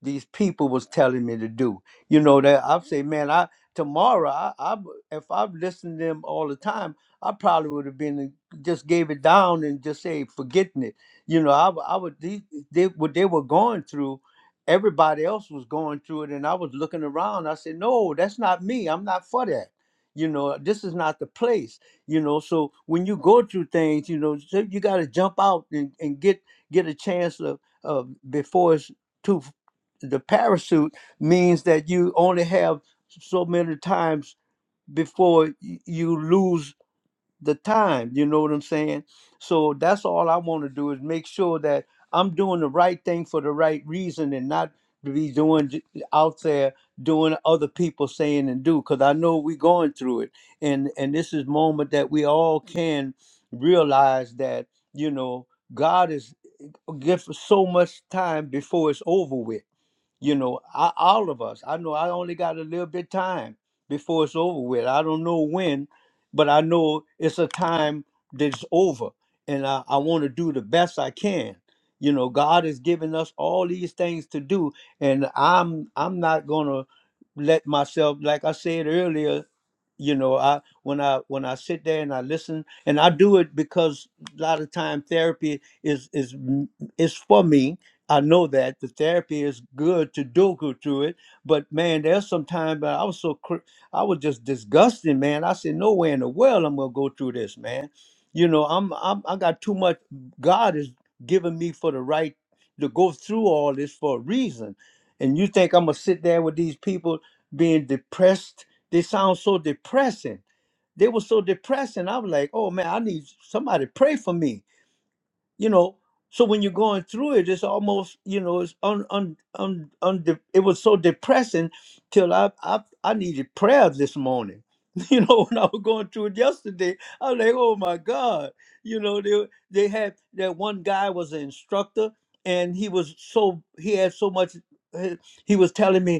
[SPEAKER 1] these people was telling me to do. You know that I say, man, I tomorrow, I, I w- if I've listened to them all the time, I probably would have been uh, just gave it down and just say forgetting it. You know, I, w- I would these they what they were going through. Everybody else was going through it, and I was looking around. I said, no, that's not me. I'm not for that. You know, this is not the place. You know, so when you go through things, you know, so you got to jump out and, and get get a chance of, of before it's too the parachute means that you only have so many times before y- you lose the time you know what i'm saying so that's all i want to do is make sure that i'm doing the right thing for the right reason and not to be doing j- out there doing other people saying and do because i know we're going through it and and this is moment that we all can realize that you know god is gives so much time before it's over with you know I, all of us i know i only got a little bit time before it's over with i don't know when but i know it's a time that's over and i, I want to do the best i can you know god has given us all these things to do and i'm i'm not gonna let myself like i said earlier you know i when i when i sit there and i listen and i do it because a lot of time therapy is is is for me I know that the therapy is good to do go through it, but man, there's some time but I was so cr- I was just disgusted, man. I said, no way in the world I'm gonna go through this, man. You know, I'm, I'm I got too much. God has given me for the right to go through all this for a reason, and you think I'm gonna sit there with these people being depressed? They sound so depressing. They were so depressing. I was like, oh man, I need somebody to pray for me you know so when you're going through it it's almost you know it's un, un, un, un it was so depressing till I, I i needed prayer this morning you know when i was going through it yesterday i was like oh my god you know they they had that one guy was an instructor and he was so he had so much he he was telling me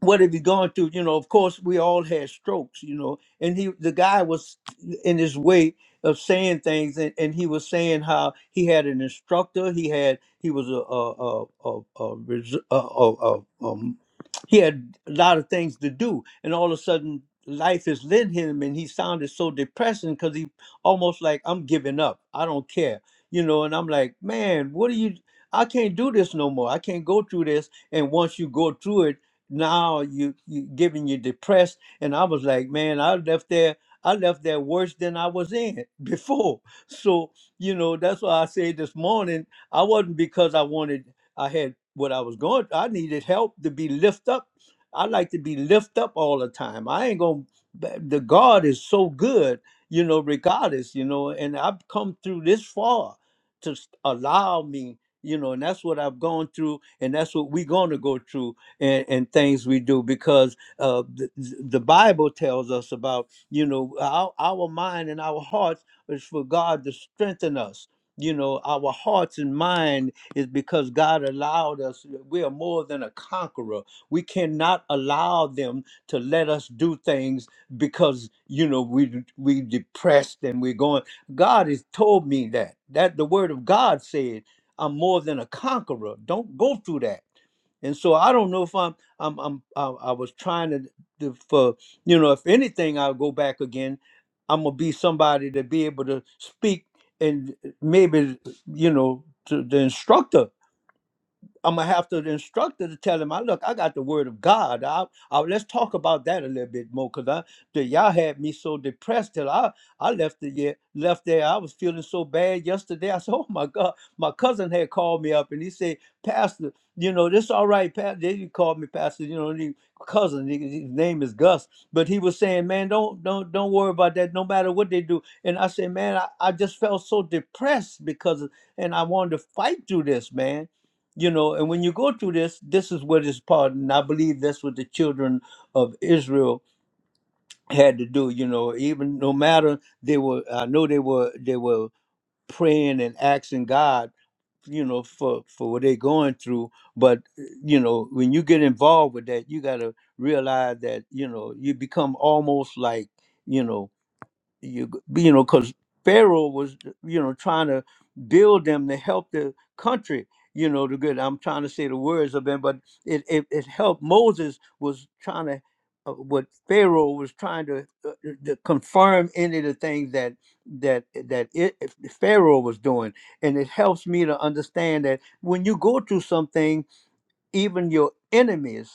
[SPEAKER 1] what have you gone through? You know, of course, we all had strokes, you know, and he, the guy was in his way of saying things, and, and he was saying how he had an instructor, he had, he was a, a, a, a, a, res- a, a, a um, he had a lot of things to do, and all of a sudden, life has led him, and he sounded so depressing because he almost like, I'm giving up, I don't care, you know, and I'm like, man, what are you? I can't do this no more. I can't go through this. And once you go through it, now you you giving you depressed and i was like man i left there i left there worse than i was in before so you know that's why i said this morning i wasn't because i wanted i had what i was going i needed help to be lift up i like to be lift up all the time i ain't gonna the god is so good you know regardless you know and i've come through this far to s- allow me you know and that's what i've gone through and that's what we're going to go through and, and things we do because uh, the, the Bible tells us about, you know, our, our mind and our hearts is for God to strengthen us. You know, our hearts and mind is because God allowed us, we are more than a conqueror. We cannot allow them to let us do things because, you know, we we depressed and we're going. God has told me that. That the word of God said, I'm more than a conqueror. Don't go through that. And so I don't know if I'm I'm I'm I, I was trying to, to for you know if anything I'll go back again. I'm gonna be somebody to be able to speak and maybe you know to the instructor I'm gonna have to the instructor to tell him, "I look, I got the word of God. I, I let's talk about that a little bit more, cause I, the, y'all had me so depressed till I, I left the ye- left there. I was feeling so bad yesterday. I said, "Oh my God!" My cousin had called me up and he said, "Pastor, you know this all right, Pastor." They called me Pastor, you know, he, cousin. he- His name is Gus, but he was saying, "Man, don't don't don't worry about that. No matter what they do." And I said, "Man, I, I just felt so depressed because, and I wanted to fight through this, man." you know and when you go through this this is what is part and i believe that's what the children of israel had to do you know even no matter they were i know they were they were praying and asking god you know for for what they're going through but you know when you get involved with that you got to realize that you know you become almost like you know you g- you know because pharaoh was you know trying to build them to help the country you know the good i'm trying to say the words of them but it it, it helped moses was trying to uh, what pharaoh was trying to, uh, uh, to confirm any of the things that that that it, pharaoh was doing and it helps me to understand that when you go through something even your enemies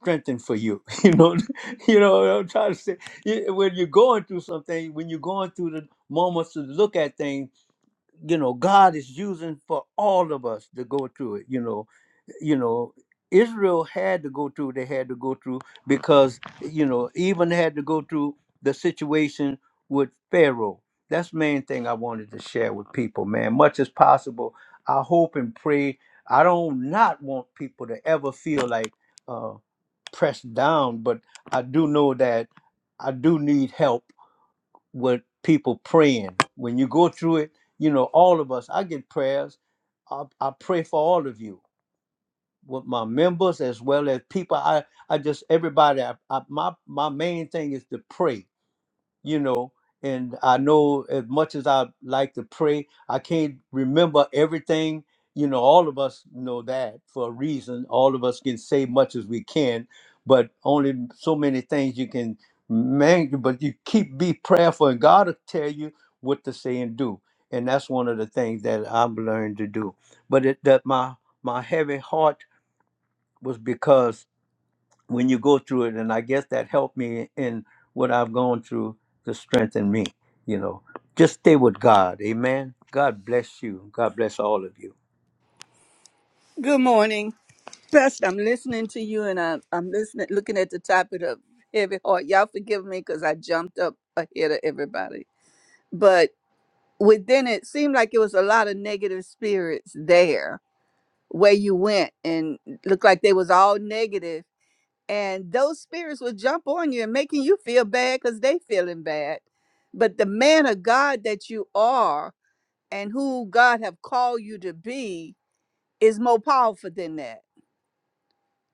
[SPEAKER 1] strengthen for you. You know, you know what I'm trying to say. You- When you're going through something, when you're going through the moments to look at things, you know, God is using for all of us to go through it. You know, you know israel had to go through they had to go through because you know even had to go through the situation with pharaoh that's the main thing i wanted to share with people man much as possible i hope and pray i don't not want people to ever feel like uh pressed down but i do know that i do need help with people praying when you go through it you know all of us i get prayers i, I pray for all of you with my members as well as people i i just everybody I, I, my my main thing is to pray you know and i know as much as i like to pray i can't remember everything you know all of us know that for a reason all of us can say much as we can but only so many things you can man but you keep be prayerful and god will tell you what to say and do and that's one of the things that i've learned to do but it that my my heavy heart was because when you go through it, and I guess that helped me in what I've gone through to strengthen me. You know, just stay with God. Amen. God bless you. God bless all of you.
[SPEAKER 4] Good morning. Best, I'm listening to you and I, I'm listening, looking at the topic of heavy heart. Y'all forgive me because I jumped up ahead of everybody. But within it seemed like it was a lot of negative spirits there where you went and looked like they was all negative. And those spirits would jump on you and making you feel bad because they feeling bad. But the man of God that you are and who God have called you to be is more powerful than that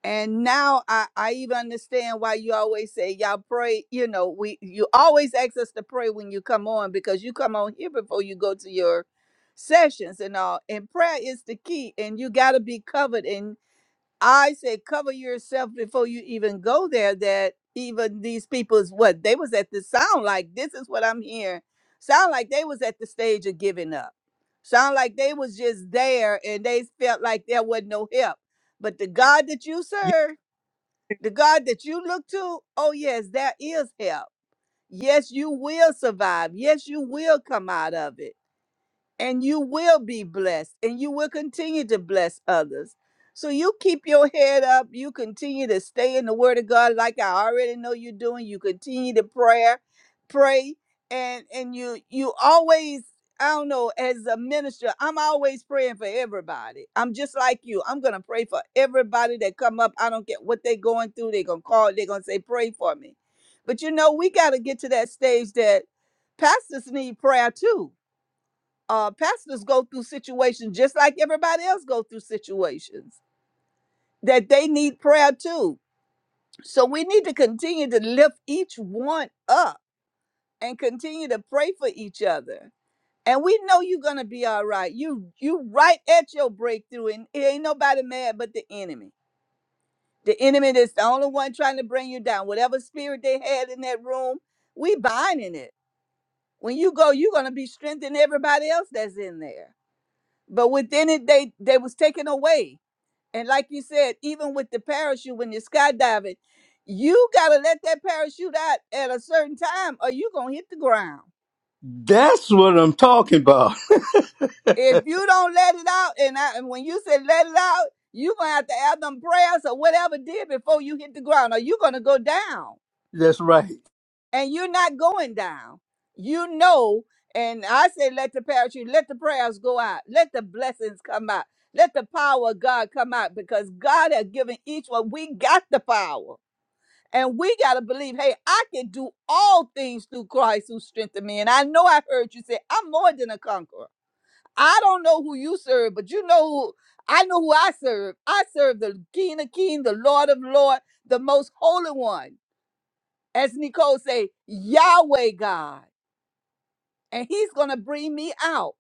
[SPEAKER 4] and now I, I even understand why you always say y'all pray you know we you always ask us to pray when you come on because you come on here before you go to your sessions and all and prayer is the key and you got to be covered I say cover yourself before you even go there. That even these people is what they was at the sound like. This is what I'm hearing. Sound like they was at the stage of giving up. Sound like they was just there and they felt like there wasn't no help. But the God that you
[SPEAKER 1] Yeah,
[SPEAKER 4] serve, the God that you look to, oh yes, there is help. Yes, you will survive. Yes, you will come out of it and you will be blessed and you will continue to bless others. So you keep your head up. You continue to stay in the word of God like I already know you're doing. You continue to prayer, pray, and and you you always I don't know, as a minister, I'm always praying for everybody. I'm just like you. I'm gonna pray for everybody that come up. I don't care what they're going through. They're gonna call, they're gonna say, pray for me. But you know, we gotta get to that stage that pastors need prayer too uh, pastors go through situations just like everybody else go through situations that they need prayer too. So we need to continue to lift each one up and continue to pray for each other. And we know you're gonna be all right. You you right at your breakthrough, and it ain't nobody mad but the enemy. The enemy is the only one trying to bring you down. Whatever spirit they had in that room, we binding it. When you go, you're gonna be strengthening everybody else that's in there. But within it, they they was taken away And like you said, even with the parachute, when you're skydiving, you gotta let that parachute out at a certain time, or you gonna hit the ground.
[SPEAKER 1] that's what I'm talking about.
[SPEAKER 4] If you don't let it out, and, I, and when you say let it out, you gonna have to have them prayers or whatever did before you hit the ground, or you gonna go down.
[SPEAKER 1] that's right.
[SPEAKER 4] And you're not going down. You know, and I say let the parachute, let the prayers go out, let the blessings come out, let the power of God come out, because God has given each one. We got the power. And we got to believe, hey, I can do all things through Christ who strengthened me. And I know I heard you say, I'm more than a conqueror. I don't know who you serve, but you know who I know who I serve. I serve the King of King, the Lord of Lord, the most holy one. As Nicole say, Yahweh God. And he's going to bring me out.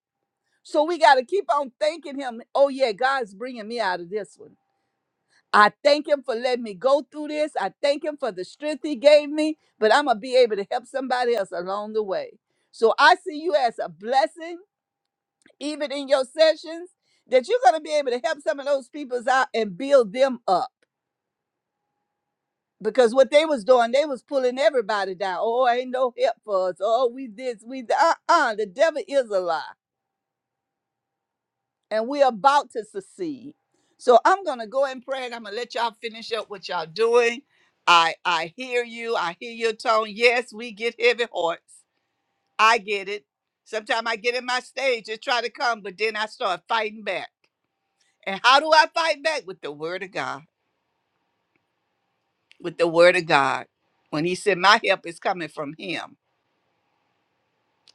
[SPEAKER 4] So we got to keep on thanking him. Oh, yeah, God's bringing me out of this one. I thank him for letting me go through this. I thank him for the strength he gave me, but I'm going to be able to help somebody else along the way. So I see you as a blessing, even in your sessions, that you're going to be able to help some of those peoples out and build them up. Because what they was doing, they was pulling everybody down. Oh, ain't no help for us. Oh, we this, we that. Uh-uh, the devil is a lie. and we're about to succeed. So I'm gonna go and pray, and I'm gonna let y'all finish up what y'all doing. I I hear you. I hear your tone. Yes, we get heavy hearts. I get it. Sometimes I get in my stage and try to come, but then I start fighting back. And how do I fight back? With the word of God. With the word of God. When he said, My help is coming from him,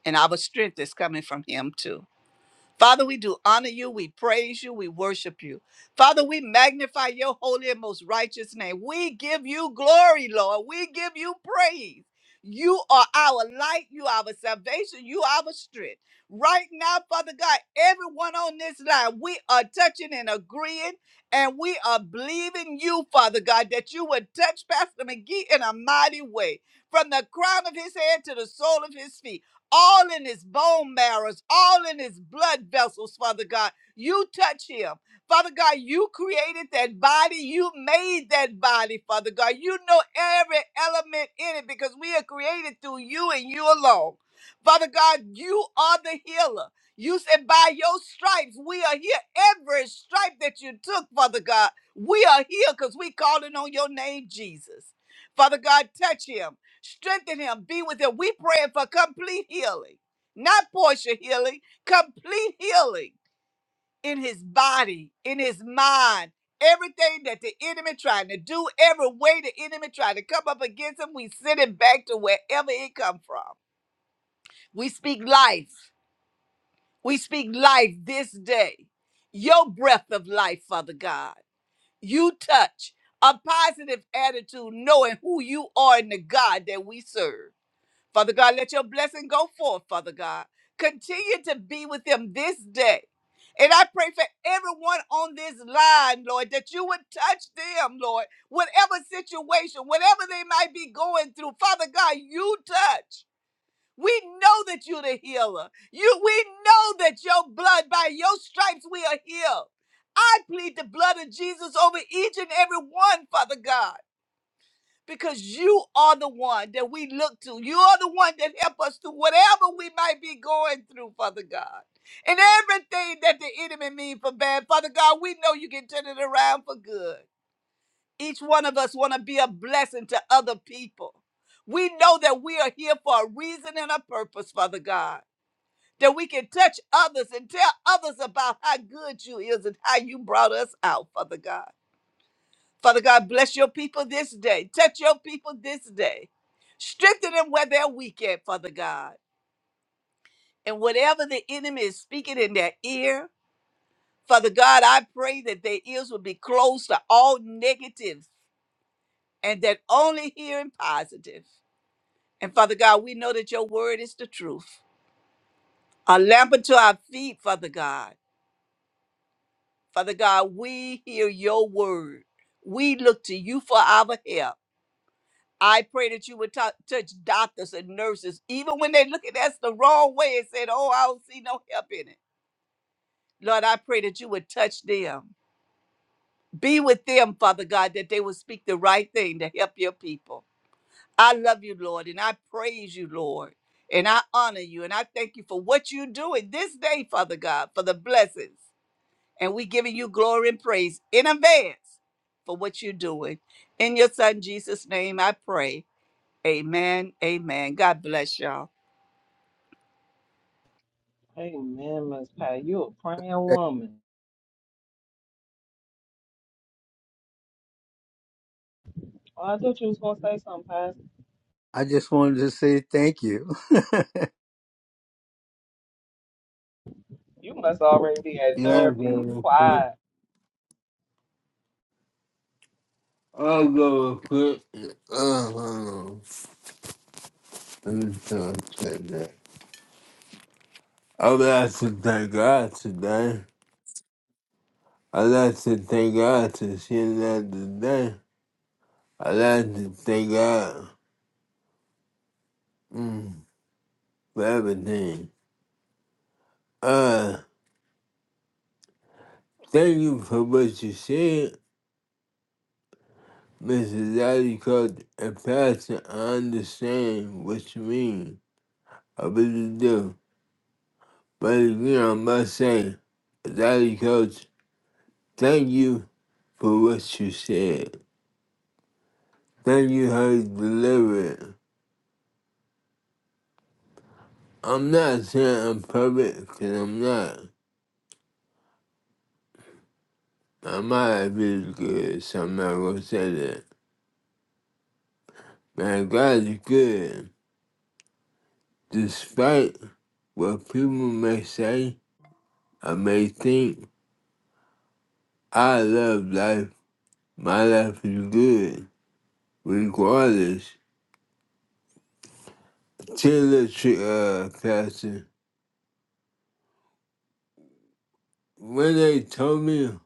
[SPEAKER 4] and our strength is coming from him too. Father, we do honor you, we praise you, we worship you. Father, we magnify your holy and most righteous name. We give you glory, Lord. We give you praise. You are our light, you are our salvation, you are our strength. Right now, Father God, everyone on this line, we are touching and agreeing, and we are believing you, Father God, that you would touch Pastor McGee in a mighty way, from the crown of his head to the sole of his feet all in his bone marrows, all in his blood vessels, Father God. You touch him. Father God, you created that body. You made that body, Father God. You know every element in it because we are created through you and you alone. Father God, you are the healer. You said, by your stripes, we are here. Every stripe that you took, Father God, we are here because we calling on your name, Jesus. Father God, touch him. Strengthen him. Be with him. We praying for complete healing, not partial healing, complete healing in his body, in his mind. Everything that the enemy trying to do, every way the enemy trying to come up against him, we send it back to wherever it come from. We speak life. We speak life this day. Your breath of life, Father God. You touch a positive attitude, knowing who you are and the God that we serve. Father God, let your blessing go forth, Father God. Continue to be with them this day. And I pray for everyone on this line, Lord, that you would touch them, Lord, whatever situation, whatever they might be going through. Father God, you touch. We know that you're the healer. You, we know that your blood, by your stripes, we are healed. I plead the blood of Jesus over each and every one, Father God because you are the one that we look to. You are the one that help us through whatever we might be going through, Father God. And everything that the enemy mean for bad, Father God, we know you can turn it around for good. Each one of us want to be a blessing to other people. We know that we are here for a reason and a purpose, Father God. That we can touch others and tell others about how good you is and how you brought us out, Father God. Father God, bless your people this day. Touch your people this day. Strengthen them where they're weak at, Father God. And whatever the enemy is speaking in their ear, Father God, I pray that their ears will be closed to all negative and that only hearing positive. And Father God, we know that your word is the truth. A lamp unto our feet, Father God. Father God, we hear your word. We look to you for our help. I pray that you would tou- touch doctors and nurses, even when they look at us the wrong way and said, Oh, I don't see no help in it. Lord, I pray that you would touch them. Be with them, Father God, that they would speak the right thing to help your people. I love you, Lord, and I praise you, Lord, and I honor you, and I thank you for what you're doing this day, Father God, for the blessings. And we giving you glory and praise in advance for what you're doing. In your son Jesus' name, I pray. Amen. Amen. God bless y'all.
[SPEAKER 3] Amen, Miss Pat. You a praying woman. Oh, I thought you was gonna say something, Pat.
[SPEAKER 1] I just wanted to say thank you.
[SPEAKER 3] You must already be at
[SPEAKER 2] Yeah, I'll go
[SPEAKER 3] therapy. You
[SPEAKER 2] real quick.
[SPEAKER 3] quiet.
[SPEAKER 2] I'll go real quick. Um, let me just say that. I would like to thank God today. I like to thank God to see another day. I like to thank God mm, for everything. Uh, thank you for what you said, Mrs. Daddy Coach and Pastor. I understand what you mean. I really do. But you know, I must say, Daddy Coach, thank you for what you said. Thank you how you delivered. it. I'm not saying I'm perfect, 'cause I'm not. I might have been good, so I'm not gonna say that. Man, God is good. Despite what people may say or may think, I love life. My life is good, regardless. Tell the truth, uh, Pastor. When they told me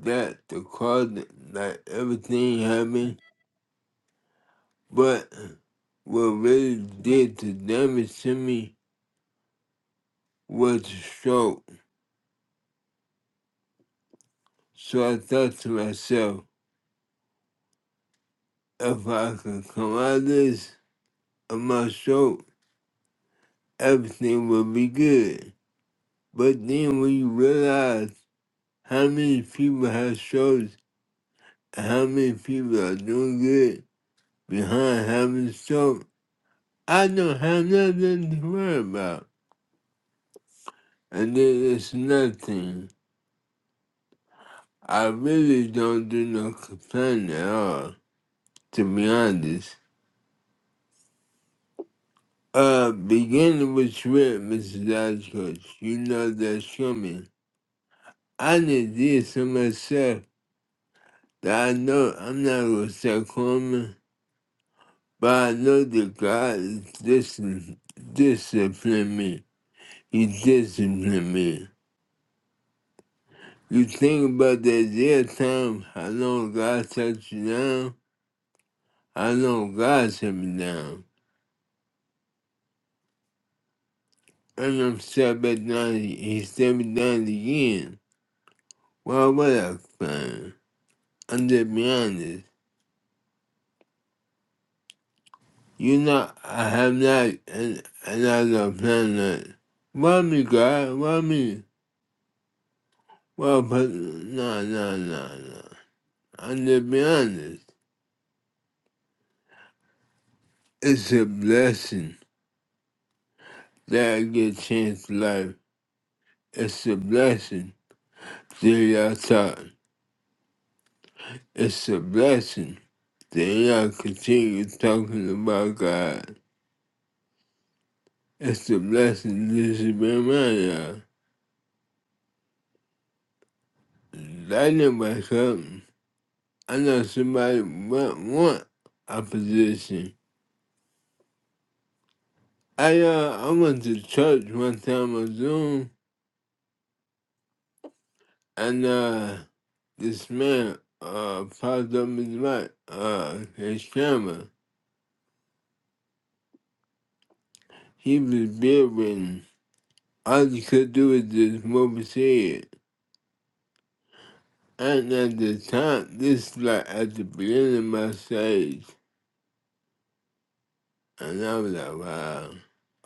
[SPEAKER 2] that the closet, like everything happened, but what really did the damage to me was the stroke. So I thought to myself, if I could come out of this, of my stroke, everything would be good. But then when you realize how many people have strokes and how many people are doing good behind having a stroke, I don't have nothing to worry about. And then it's nothing. I really don't do no complaining at all, to be honest. Uh, beginning with Rick, Mrs. Ashcroft, you know that's coming. I done did so myself that I know I'm not gonna start coming, but I know that God is discipline, discipline me. He disciplined me. You think about that dead time, I know God touched you down, I know God set me down. And I'm stepping down, he's stepping down again. Why would I plan? I'm just being honest. You know, I have not, and, and I don't plan that. Why me, God? Why me? Well, but no, no, no, no. I'm just being honest. It's a blessing that I get changed life. It's a blessing that y'all talk. It's a blessing that y'all continue talking about God. It's a blessing to be around y'all. I know myself. I know somebody want, want a position. I uh, I went to church one time on Zoom, and uh, this man uh popped up his mic, uh, his camera. He was bedridden. All he could do was just move his head. And at the time, this is like at the beginning of my stage. And I was like, wow.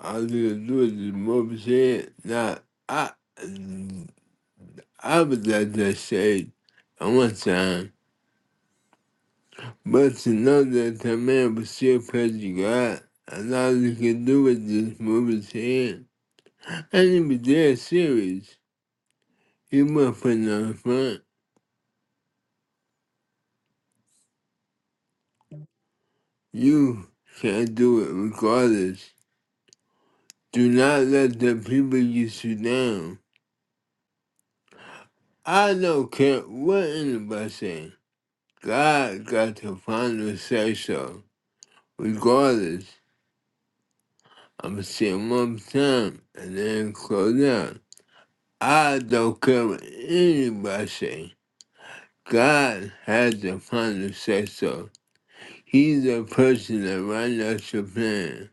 [SPEAKER 2] All you do is just move his head. Now, I, I was at that stage at one time. But to know that the man was still praising God, and all he could do was just move his hand. And he was dead serious. He wasn't putting on the front. You can't do it regardless. Do not let the people get you down. I don't care what anybody say. God got the final say so. Regardless, I'm gonna see him one time and then close down. I don't care what anybody say. God has the final say so. He's the person that runs out your plan.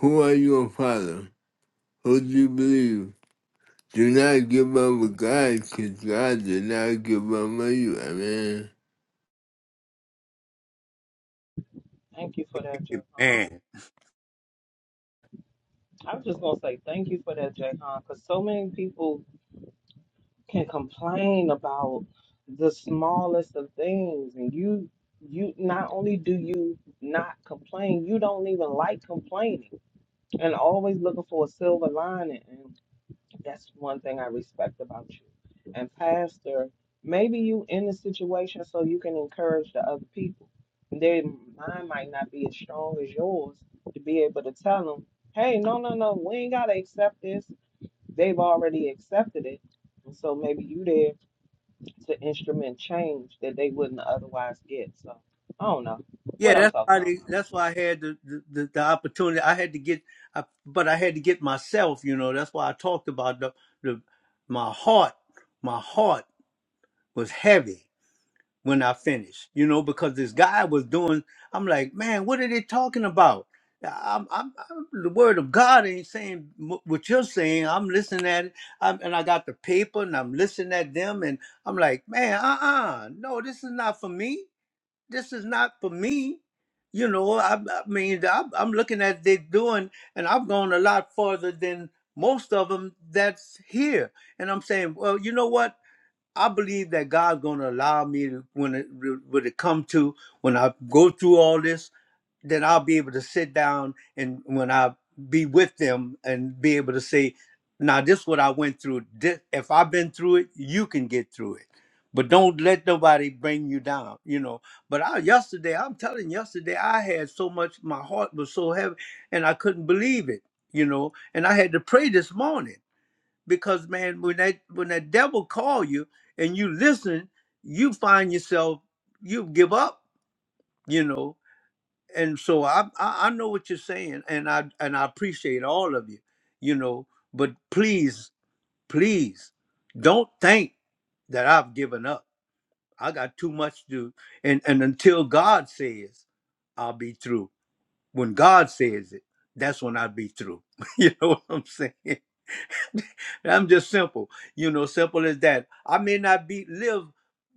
[SPEAKER 2] Who are your father? Who do you believe? Do not give up with God, because God did not give up on you.
[SPEAKER 3] Thank you for that, Jay Han.
[SPEAKER 1] Man.
[SPEAKER 3] I was just gonna say thank you for that, Jay Han, because so many people can complain about the smallest of things, and you, you not only do you not complain, you don't even like complaining, and always looking for a silver lining. That's one thing I respect about you. And pastor, maybe you in the situation so you can encourage the other people. Their mind might not be as strong as yours to be able to tell them, hey, no, no, no, we ain't gotta accept this. They've already accepted it. And so maybe you there to instrument change that they wouldn't otherwise get. So I don't know
[SPEAKER 1] Yeah,
[SPEAKER 3] what I'm
[SPEAKER 1] that's
[SPEAKER 3] talking
[SPEAKER 1] why. They,
[SPEAKER 3] about.
[SPEAKER 1] that's why I had the, the, the, the opportunity. I had to get, I, but I had to get myself. You know, that's why I talked about the, the my heart. My heart was heavy when I finished, you know, because this guy was doing, I'm like, man, what are they talking about? Yeah, I'm, I'm, I'm the word of God ain't saying wh- what you're saying. I'm listening at it, I'm, and I got the paper, and I'm listening at them, and I'm like, man, uh-uh, no, this is not for me. This is not for me. You know, I, I mean, i I'm looking at they doing, and I've gone a lot farther than most of them that's here. And I'm saying, well, you know what? I believe that God's going to allow me to, when it when it come to when I go through all this, then I'll be able to sit down and when I be with them and be able to say, "Now this is what I went through. This, if I've been through it, you can get through it." But don't let nobody bring you down, you know. But I yesterday, I'm telling you, yesterday I had so much, my heart was so heavy, and I couldn't believe it, you know. And I had to pray this morning because man when that when that devil call you and you listen you find yourself you give up you know and so I, I i know what you're saying and i and i appreciate all of you you know but please please don't think that i've given up i got too much to do and and until god says i'll be through when god says it that's when i'll be through you know what i'm saying I'm just simple, you know, simple as that. I may not be live,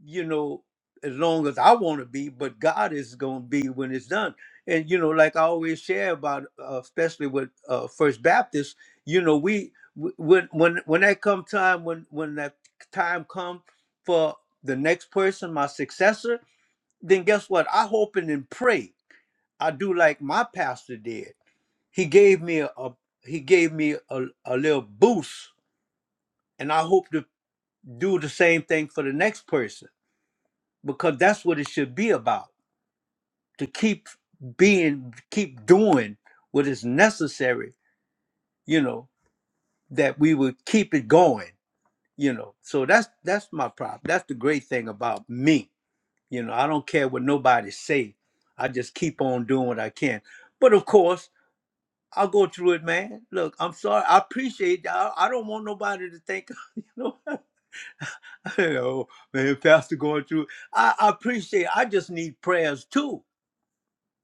[SPEAKER 1] you know, as long as I want to be, but God is going to be when it's done. And you know, like I always share about, uh, especially with uh, First Baptist, you know, we w- when when when that come time when when that time come for the next person, my successor, then guess what? I hope and then pray. I do like my pastor did. He gave me a, a he gave me a, a little boost and I hope to do the same thing for the next person because that's what it should be about to keep being keep doing what is necessary you know that we would keep it going you know so that's that's my problem that's the great thing about me you know i don't care what nobody say i just keep on doing what i can but of course i'll go through it man look i'm sorry i appreciate that. i, I don't want nobody to think you know you know, man, Pastor going through. I, I appreciate. I just need prayers too,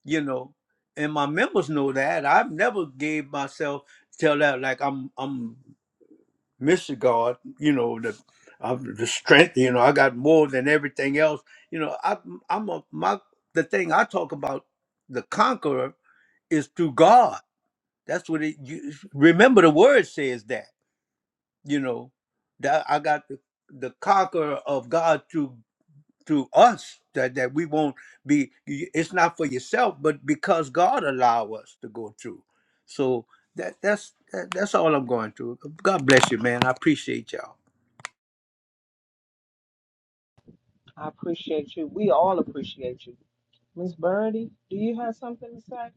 [SPEAKER 1] you know. And my members know that. I've never gave myself tell that like I'm I'm Mr. God, you know, the I'm the strength, you know, I got more than everything else. You know, I I'm a my the thing I talk about, the conqueror is through God. That's what it you remember the word says that, you know, that I got the the conqueror of God through through us that, that we won't be it's not for yourself but because god allow us to go through so that that's that, that's all i'm going through god bless you man i appreciate y'all
[SPEAKER 3] I appreciate you. We all appreciate you. Miss Birdie, do you have something to say?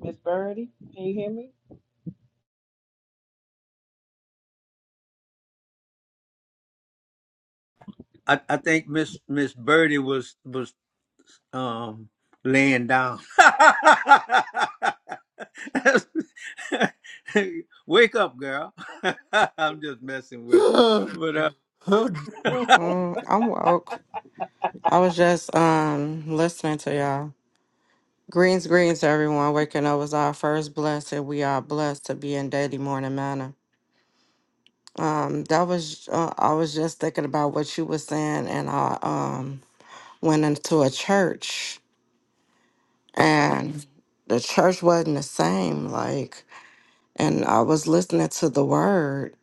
[SPEAKER 3] Miss Birdie, can you hear me?
[SPEAKER 1] i, I think miss miss birdie was was um laying down. Wake up, girl. I'm just messing with it.
[SPEAKER 2] Amen.
[SPEAKER 1] But uh,
[SPEAKER 5] Mm, I'm woke. I was just um listening to y'all. Greens, greens, everyone. Waking up was our first blessing. We are blessed to be in daily morning manner. Um, that was uh, I was just thinking about what you were saying, and I um went into a church, and the church wasn't the same. Like, and I was listening to the word,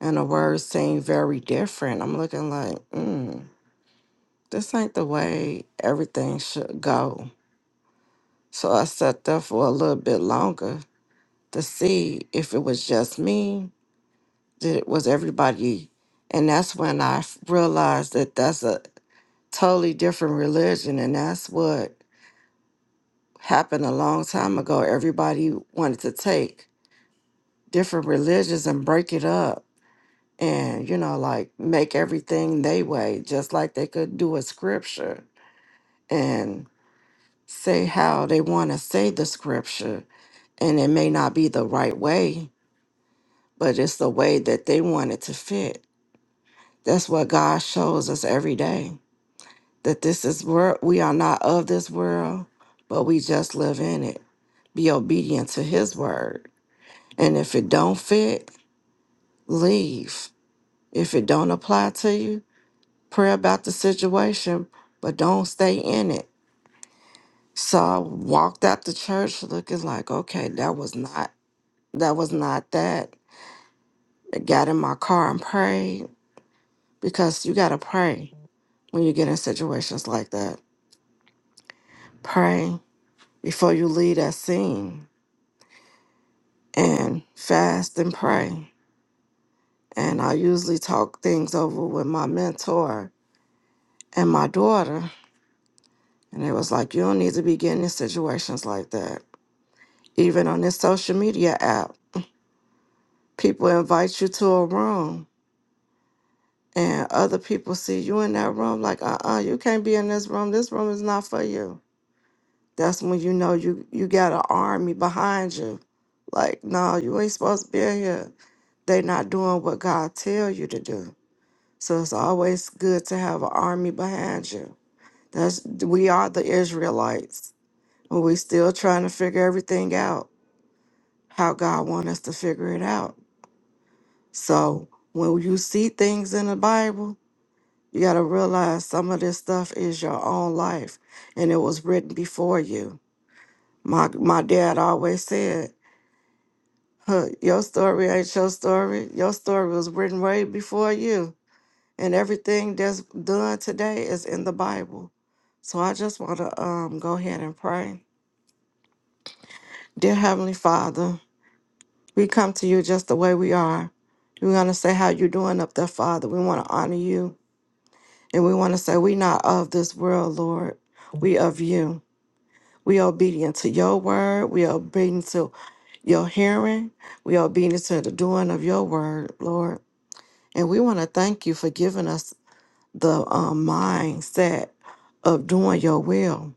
[SPEAKER 5] and the word seemed very different. I'm looking like, mm, this ain't the way everything should go So I sat there for a little bit longer to see if it was just me, did it was everybody. And that's when I f- realized that that's a totally different religion. And that's what happened a long time ago. Everybody wanted to take different religions and break it up and, you know, like make everything they way, just like they could do a scripture and say how they want to say the scripture. And it may not be the right way but it's the way that they want it to fit. That's what God shows us every day that this is where we are not of this world, but we just live in it. Be obedient to His word. And if it don't fit, leave. If it don't apply to you, pray about the situation, but don't stay in it. So I walked out the church looking like, okay, that was not that was not that. I got in my car and prayed because you gotta pray when you get in situations like that. Pray before you leave that scene and fast and pray. And I usually talk things over with my mentor and my daughter. And it was like, you don't need to be getting in situations like that. Even on this social media app, people invite you to a room and other people see you in that room like, uh uh you can't be in this room. This room is not for you That's when you know you you got an army behind you. Like, no, you ain't supposed to be in here. They not doing what God tell you to do. So it's always good to have an army behind you. That's we are the Israelites. And we still trying to figure everything out, how God want us to figure it out. So when you see things in the Bible, you gotta realize some of this stuff is your own life and it was written before you. My my dad always said Huh, your story ain't your story. Your story was written way before you. And everything that's done today is in the Bible. So I just want to um, go ahead and pray. Dear Heavenly Father, we come to you just the way we are. We want to say how you're doing up there, Father. We want to honor you. And we want to say we not of this world, Lord. We of you. We obedient to your word. We obedient to your hearing. We obedient to the doing of your word, Lord. And we want to thank you for giving us the um, mindset of doing your will.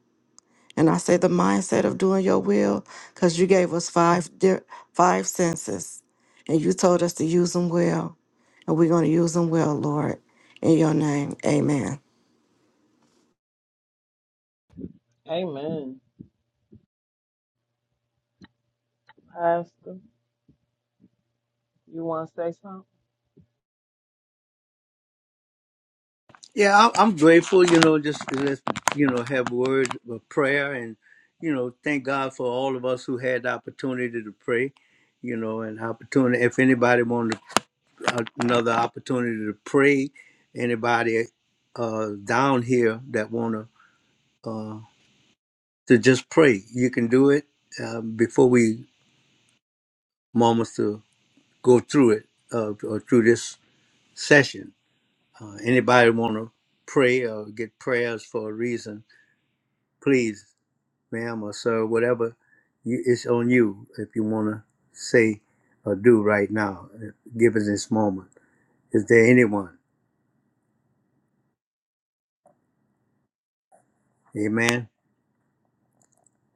[SPEAKER 5] And I say the mindset of doing your will because you gave us five di- five senses, and you told us to use them well, and we're going to use them well, Lord. In your name, Amen.
[SPEAKER 3] Amen. Pastor, you want to say something?
[SPEAKER 1] yeah, I'm, I'm grateful, you know, just to just, you know, have a word of prayer and, you know, thank God for all of us who had the opportunity to pray, you know, and opportunity. If anybody wanted uh, another opportunity to pray, anybody uh, down here that want to to just pray. You can do it um, before we moments to go through it uh, or through this session. Uh, anybody want to pray or get prayers for a reason? Please, ma'am or sir, whatever, you, it's on you if you want to say or do right now. uh, Given this moment, is there anyone? Amen.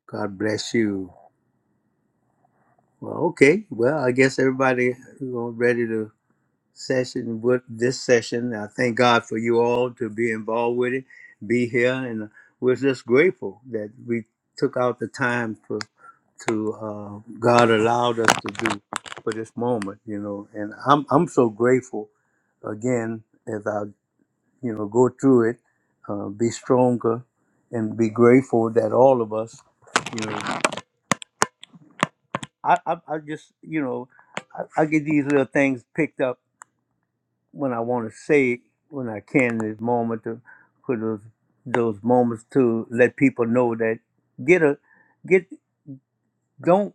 [SPEAKER 1] God bless you. Well, okay. Well, I guess everybody you know, ready to session with this session. I thank God for you all to be involved with it, be here, and we're just grateful that we took out the time for to uh, God allowed us to do for this moment, you know. And I'm I'm so grateful again as I you know go through it, uh, be stronger, and be grateful that all of us, you know, I I, I just you know I, I get these little things picked up when I want to say it, when I can, this moment to for those those moments to let people know that get a get don't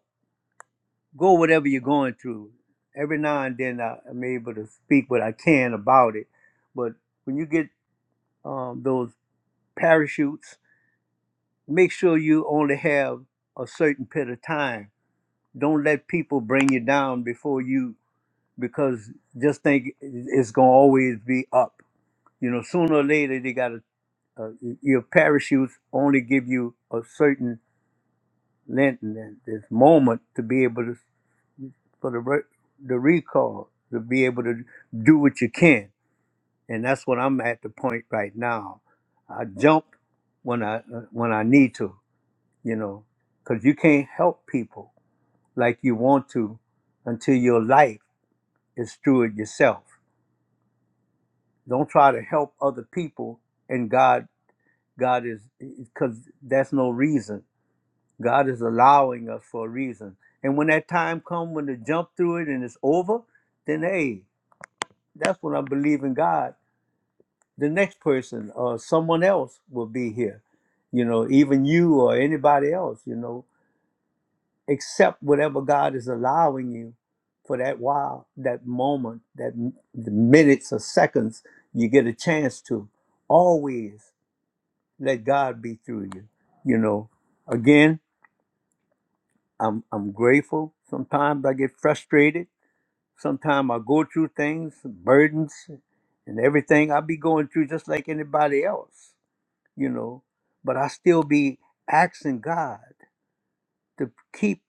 [SPEAKER 1] go whatever you're going through. Every now and then I, I'm able to speak what I can about it, but when you get um, those parachutes, make sure you only have a certain period of time. Don't let people bring you down before you because just think it's gonna always be up. You know, sooner or later they gotta uh, your parachutes only give you a certain length and then this moment to be able to for the re- the recall to be able to do what you can and that's what I'm at the point right now I jump when I uh, when I need to you know cuz you can't help people like you want to until your life is through it yourself don't try to help other people and God God is cuz that's no reason God is allowing us for a reason. And when that time comes when to jump through it and it's over, then hey, that's when I believe in God. The next person or someone else will be here. You know, even you or anybody else, you know, accept whatever God is allowing you for that while, that moment, that m- the minutes or seconds you get a chance to. Always let God be through you. You know, again, I'm I'm grateful. Sometimes I get frustrated. Sometimes I go through things, burdens, and everything I be going through just like anybody else, you know. But I still be asking God to keep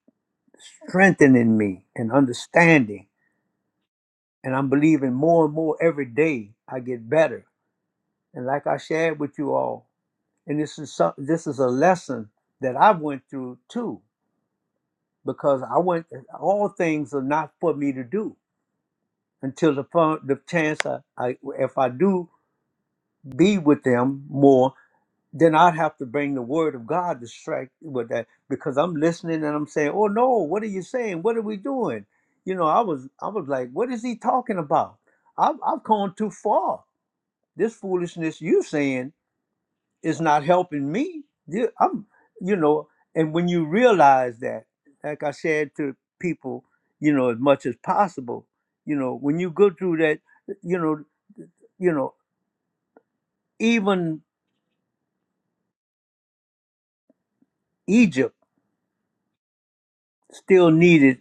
[SPEAKER 1] strengthening me and understanding. And I'm believing more and more every day I get better. And like I shared with you all, and this is some, this is a lesson that I went through too, because I went all things are not for me to do until the fun, the chance I, I if I do be with them more, then I'd have to bring the word of God to strike with that because I'm listening and I'm saying, "Oh no, what are you saying? What are we doing?" You know, I was I was like, "What is he talking about? I've I've gone too far. This foolishness you saying is not helping me. You- I'm, you know." And when you realize that, like I said to people, you know, as much as possible, you know, when you go through that, you know you know, even Egypt still needed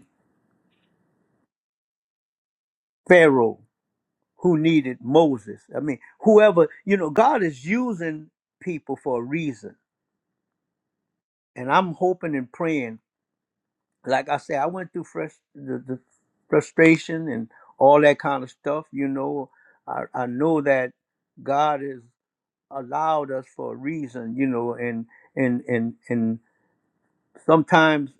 [SPEAKER 1] Pharaoh who needed Moses. I mean, whoever, you know, God is using people for a reason. And I'm hoping and praying. Like I say, I went through frus- the, the frustration and all that kind of stuff. You know, I, I know that God has allowed us for a reason, you know, and, and, and, and, sometimes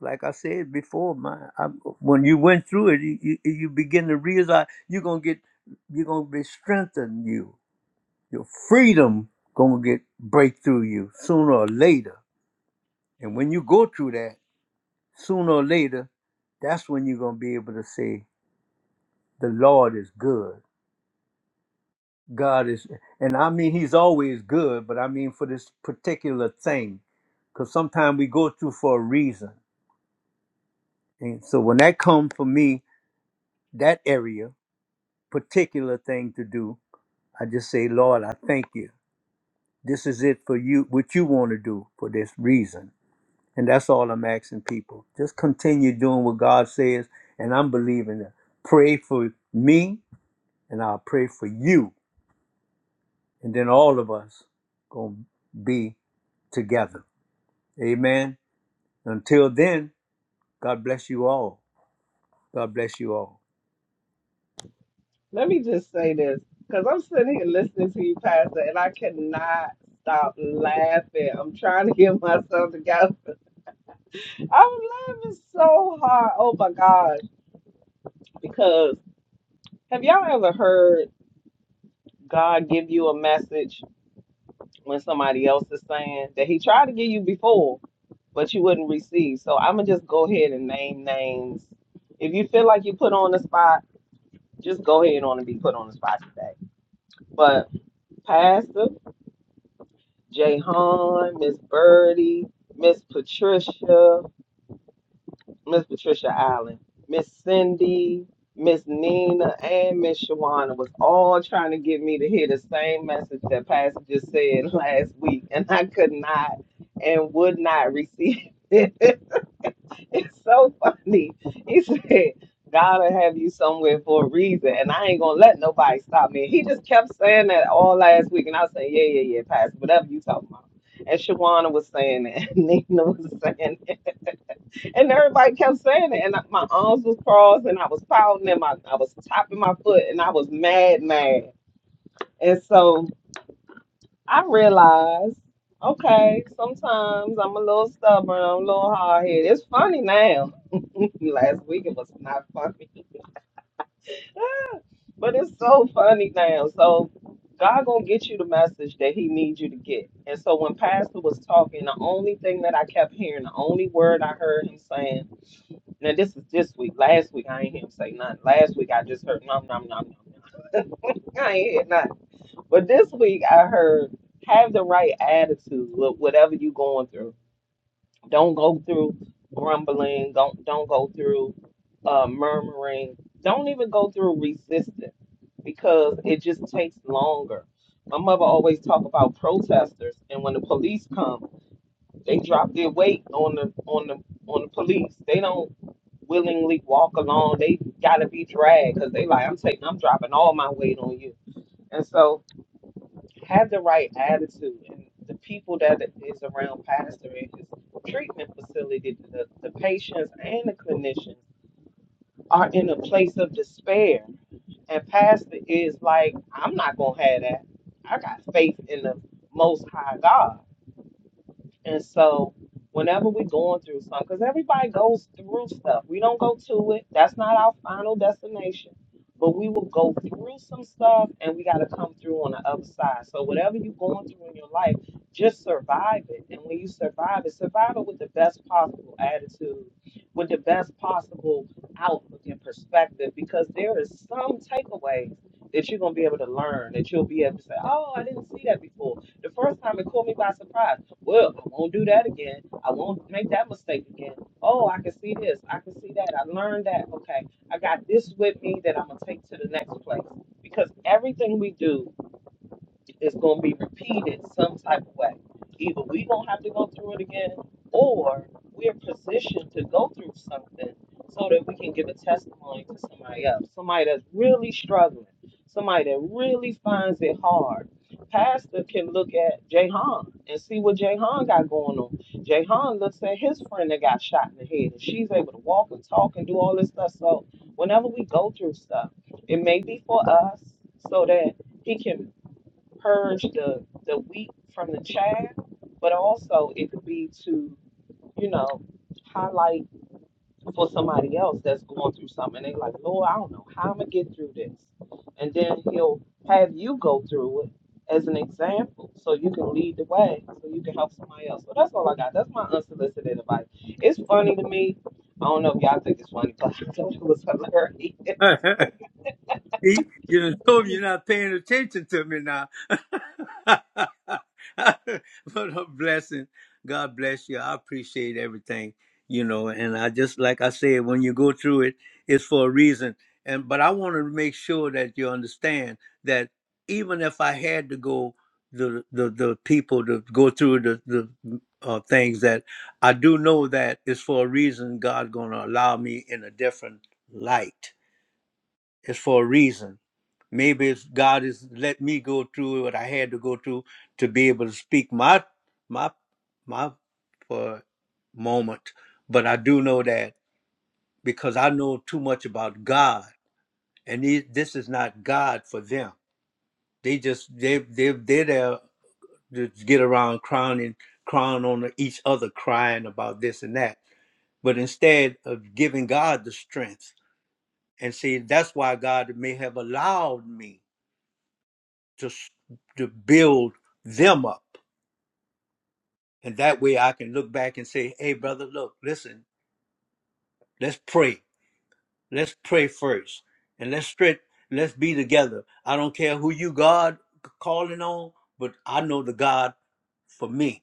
[SPEAKER 1] like I said before, man, I, when you went through it, you, you, you begin to realize you're gonna get, you're gonna be strengthened. You, your freedom gonna get break through you sooner or later. And when you go through that, sooner or later, that's when you're gonna be able to say, "The Lord is good. God is," and I mean He's always good, but I mean for this particular thing, because sometimes we go through for a reason. And so when that comes for me, that area. particular thing to do. I just say, Lord, I thank you. This is it for you, what you want to do for this reason. And that's all I'm asking people. Just continue doing what God says, and I'm believing that. Pray for me, and I'll pray for you. And then all of us going to be together. Amen. Until then, God bless you all. God bless you all.
[SPEAKER 3] Let me just say this because I'm sitting here listening to you, Pastor, and I cannot stop laughing. I'm trying to get myself together. I'm laughing so hard. Oh my gosh. Because have y'all ever heard God give you a message when somebody else is saying that He tried to give you before, but you wouldn't receive? So I'm going to just go ahead and name names. If you feel like you put on the spot, Just go ahead on and want to be put on the spot today. But Pastor, Jay Hahn, Miss Birdie, Miss Patricia, Miss Patricia Allen, Miss Cindy, Miss Nina, and Miss Shawana was all trying to get me to hear the same message that Pastor just said last week, and I could not and would not receive it. It's so funny. He said, God will have you somewhere for a reason, and I ain't gonna let nobody stop me. He just kept saying that all last week, and I was saying, Yeah, yeah, yeah, Pastor, whatever you talking about. And Shawana was saying it, and Nina was saying it, and everybody kept saying it. And my arms was crossed, and I was pouting, and my I was tapping my foot, and I was mad, mad. And so I realize, okay, sometimes I'm a little stubborn, I'm a little hard headed. It's funny now. Last week it was not funny. but it's so funny now. So God gonna get you the message that He needs you to get. And so when Pastor was talking, the only thing that I kept hearing, the only word I heard him saying, now this is this week. Last week I ain't hear him say nothing. Last week I just heard nom nom nom nom. nom. I ain't hear nothing. But this week I heard have the right attitude with whatever you going through. Don't go through grumbling. Don't don't go through uh, murmuring. Don't even go through resistance because it just takes longer. My mother always talk about protesters, and when the police come, they drop their weight on the on the on the police. They don't willingly walk along. They gotta be dragged because they like I'm taking I'm dropping all my weight on you. And so have the right attitude and the people that is around Pastor Rich's treatment facility, the, the patients and the clinicians are in a place of despair. And Pastor is like, I'm not gonna have that. I got faith in the most high God. And so, whenever we're going through something, because everybody goes through stuff, we don't go to it. That's not our final destination. But we will go through some stuff and we got to come through on the other side. So, whatever you're going through in your life, just survive it. And when you survive it, survive it with the best possible attitude, with the best possible outlook and perspective, because there is some takeaways that you're going to be able to learn, that you'll be able to say, oh, I didn't see that before. The first time it caught me by surprise. Well, I won't do that again. I won't make that mistake again. Oh, I can see this. I can see that. I learned that. Okay. I got this with me that I'm going to take to the next place. Because everything we do it's going to be repeated some type of way. Either we going to have to go through it again, or we're positioned to go through something so that we can give a testimony to somebody else, somebody that's really struggling, somebody that really finds it hard. Pastor can look at Jahan and see what Jahan got going on. Jahan looks at his friend that got shot in the head, and she's able to walk and talk and do all this stuff. So whenever we go through stuff, it may be for us so that he can purge the the wheat from the chaff, but also it could be to you know highlight for somebody else that's going through something. They are like, Lord, I don't know how I'm gonna get through this, and then He'll have you go through it as an example, so you can lead the way, so you can help somebody else. So that's all I got. That's my unsolicited advice. It's funny to me. I don't know if y'all think it's funny, but I thought it was hilarious.
[SPEAKER 1] See, you done told me you're not paying attention to me now. but a blessing. God bless you. I appreciate everything, you know. And I just, like I said, when you go through it, it's for a reason. And but I want to make sure that you understand that even if I had to go, the the, the people to go through the the uh, things that I do know that it's for a reason. God gonna allow me in a different light. It's for a reason Maybe it's God has let me go through what I had to go through to be able to speak my my my for moment. But I do know that because I know too much about God, and these, this is not God for them. They just they they they're there to get around crowning crying on each other, crying about this and that. But instead of giving God the strength and see, that's why God may have allowed me. to s- to build them up, and that way I can look back and say, "Hey, brother, look, listen, let's pray. Let's pray first, and let's straight, let's be together. I don't care who you God c- calling on, but I know the God for me,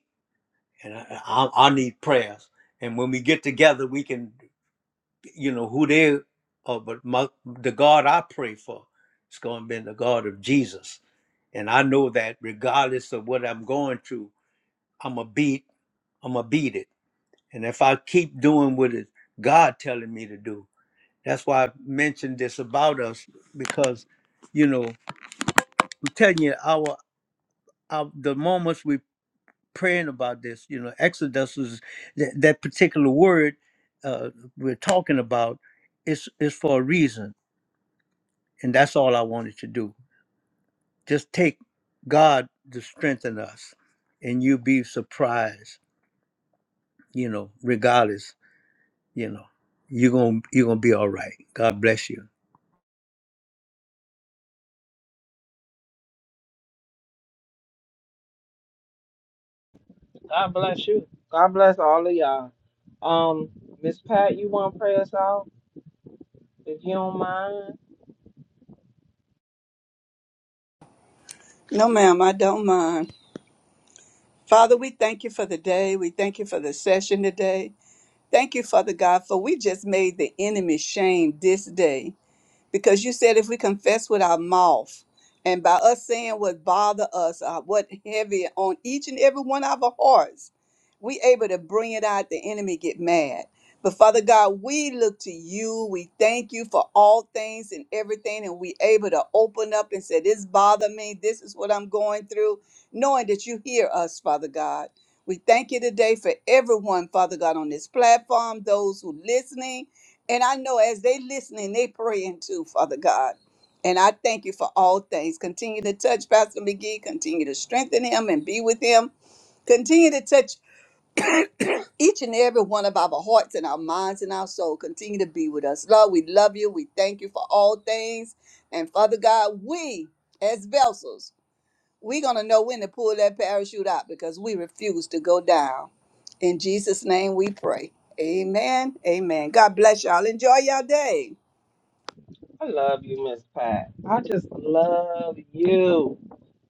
[SPEAKER 1] and I, I, I need prayers. And when we get together, we can, you know, who they are, but my the God I pray for, is going to be the God of Jesus." And I know that regardless of what I'm going through, I'm a beat. I'm gonna beat it. And if I keep doing what it God telling me to do, that's why I mentioned this about us because, you know, I'm telling you, our, our the moments we praying about this, you know, Exodus is that, that particular word uh, we're talking about is is for a reason, and that's all I wanted to do. Just take God to strengthen us, and you'll be surprised, you know, regardless. You know, you're gonna you're gonna be all right. God bless you.
[SPEAKER 3] God bless you. God bless all of y'all. Um, Miss Pat, you want to pray us out if you don't mind?
[SPEAKER 4] No, ma'am, I don't mind. Father, we thank you for the day. We thank you for the session today. Thank you, Father God, for we just made the enemy shame this day. because you said if we confess with our mouth and by us saying what bother us uh, what heavy on each and every one of our hearts we able to bring it out the enemy get mad but father god we look to you we thank you for all things and everything and we able to open up and say this bother me this is what i'm going through knowing that you hear us father god we thank you today for everyone father god on this platform those who listening and I know as they listening, they praying too, Father God. And I thank you for all things. Continue to touch Pastor McGee. Continue to strengthen him and be with him. Continue to touch each and every one of our hearts and our minds and our soul. Continue to be with us. Lord, we love you. We thank you for all things. And Father God, we as vessels, we're going to know when to pull that parachute out because we refuse to go down. In Jesus' name we pray. Amen. Amen. God bless y'all. Enjoy your day.
[SPEAKER 3] I love you, Miss Pat. I just love you.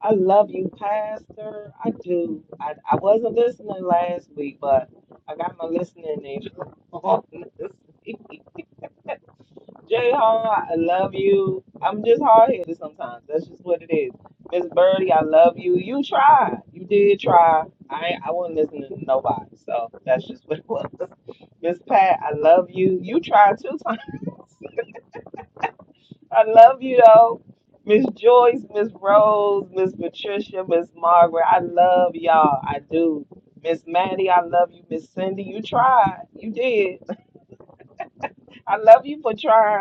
[SPEAKER 3] I love you, Pastor. I do. I, I wasn't listening last week, but I got my listening in on this Jay Hall, I love you. I'm just hard headed sometimes. That's just what it is. Miss Birdie, I love you. You tried. You did try. I ain't- I wasn't listening to nobody. So that's just what it was. Miss Pat, I love you. You tried two times. I love you though. Miss Joyce, Miss Rose, Miss Patricia, Miss Margaret, I love y'all. I do. Miss Maddie, I love you. Miss Cindy, you tried. You did. I love you for trying.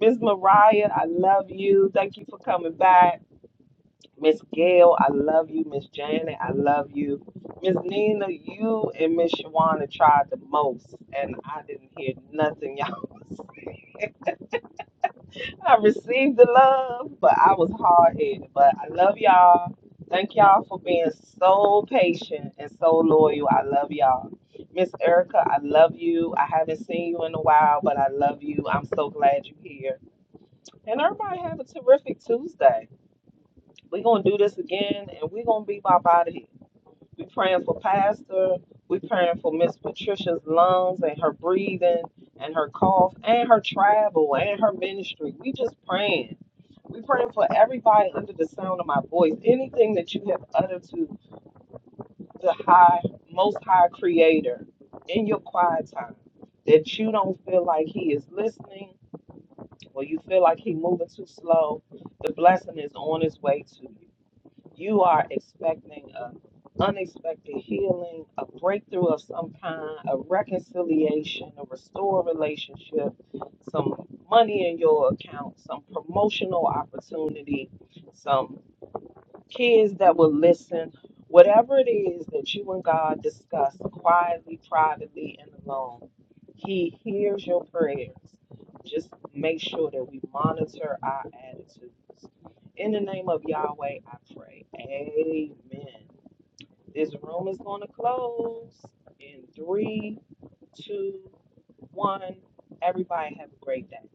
[SPEAKER 3] Miss Mariah, I love you. Thank you for coming back. Miss Gail, I love you. Miss Janet, I love you. Miss Nina, you and Miss Shawana tried the most, and I didn't hear nothing, y'all. was. I received the love, but I was hard headed. But I love y'all. Thank y'all for being so patient and so loyal. I love y'all. Miss Erica, I love you. I haven't seen you in a while, but I love you. I'm so glad you're here. And everybody have a terrific Tuesday. We're gonna do this again and we're gonna be up out of here. We praying for Pastor, we praying for Miss Patricia's lungs and her breathing and her cough and her travel and her ministry. We just praying. We praying for everybody under the sound of my voice. Anything that you have uttered to the high, most high creator in your quiet time that you don't feel like he is listening or you feel like he moving too slow, the blessing is on its way to you you are expecting an unexpected healing, a breakthrough of some kind, a reconciliation, a restored relationship, some money in your account, some promotional opportunity, some kids that will listen, whatever it is that you and God discuss quietly, privately, and alone, He hears your prayers. Just make sure that we monitor our attitudes. In the name of Yahweh, I pray. Amen. This room is going to close in three, two, one. Everybody have a great day.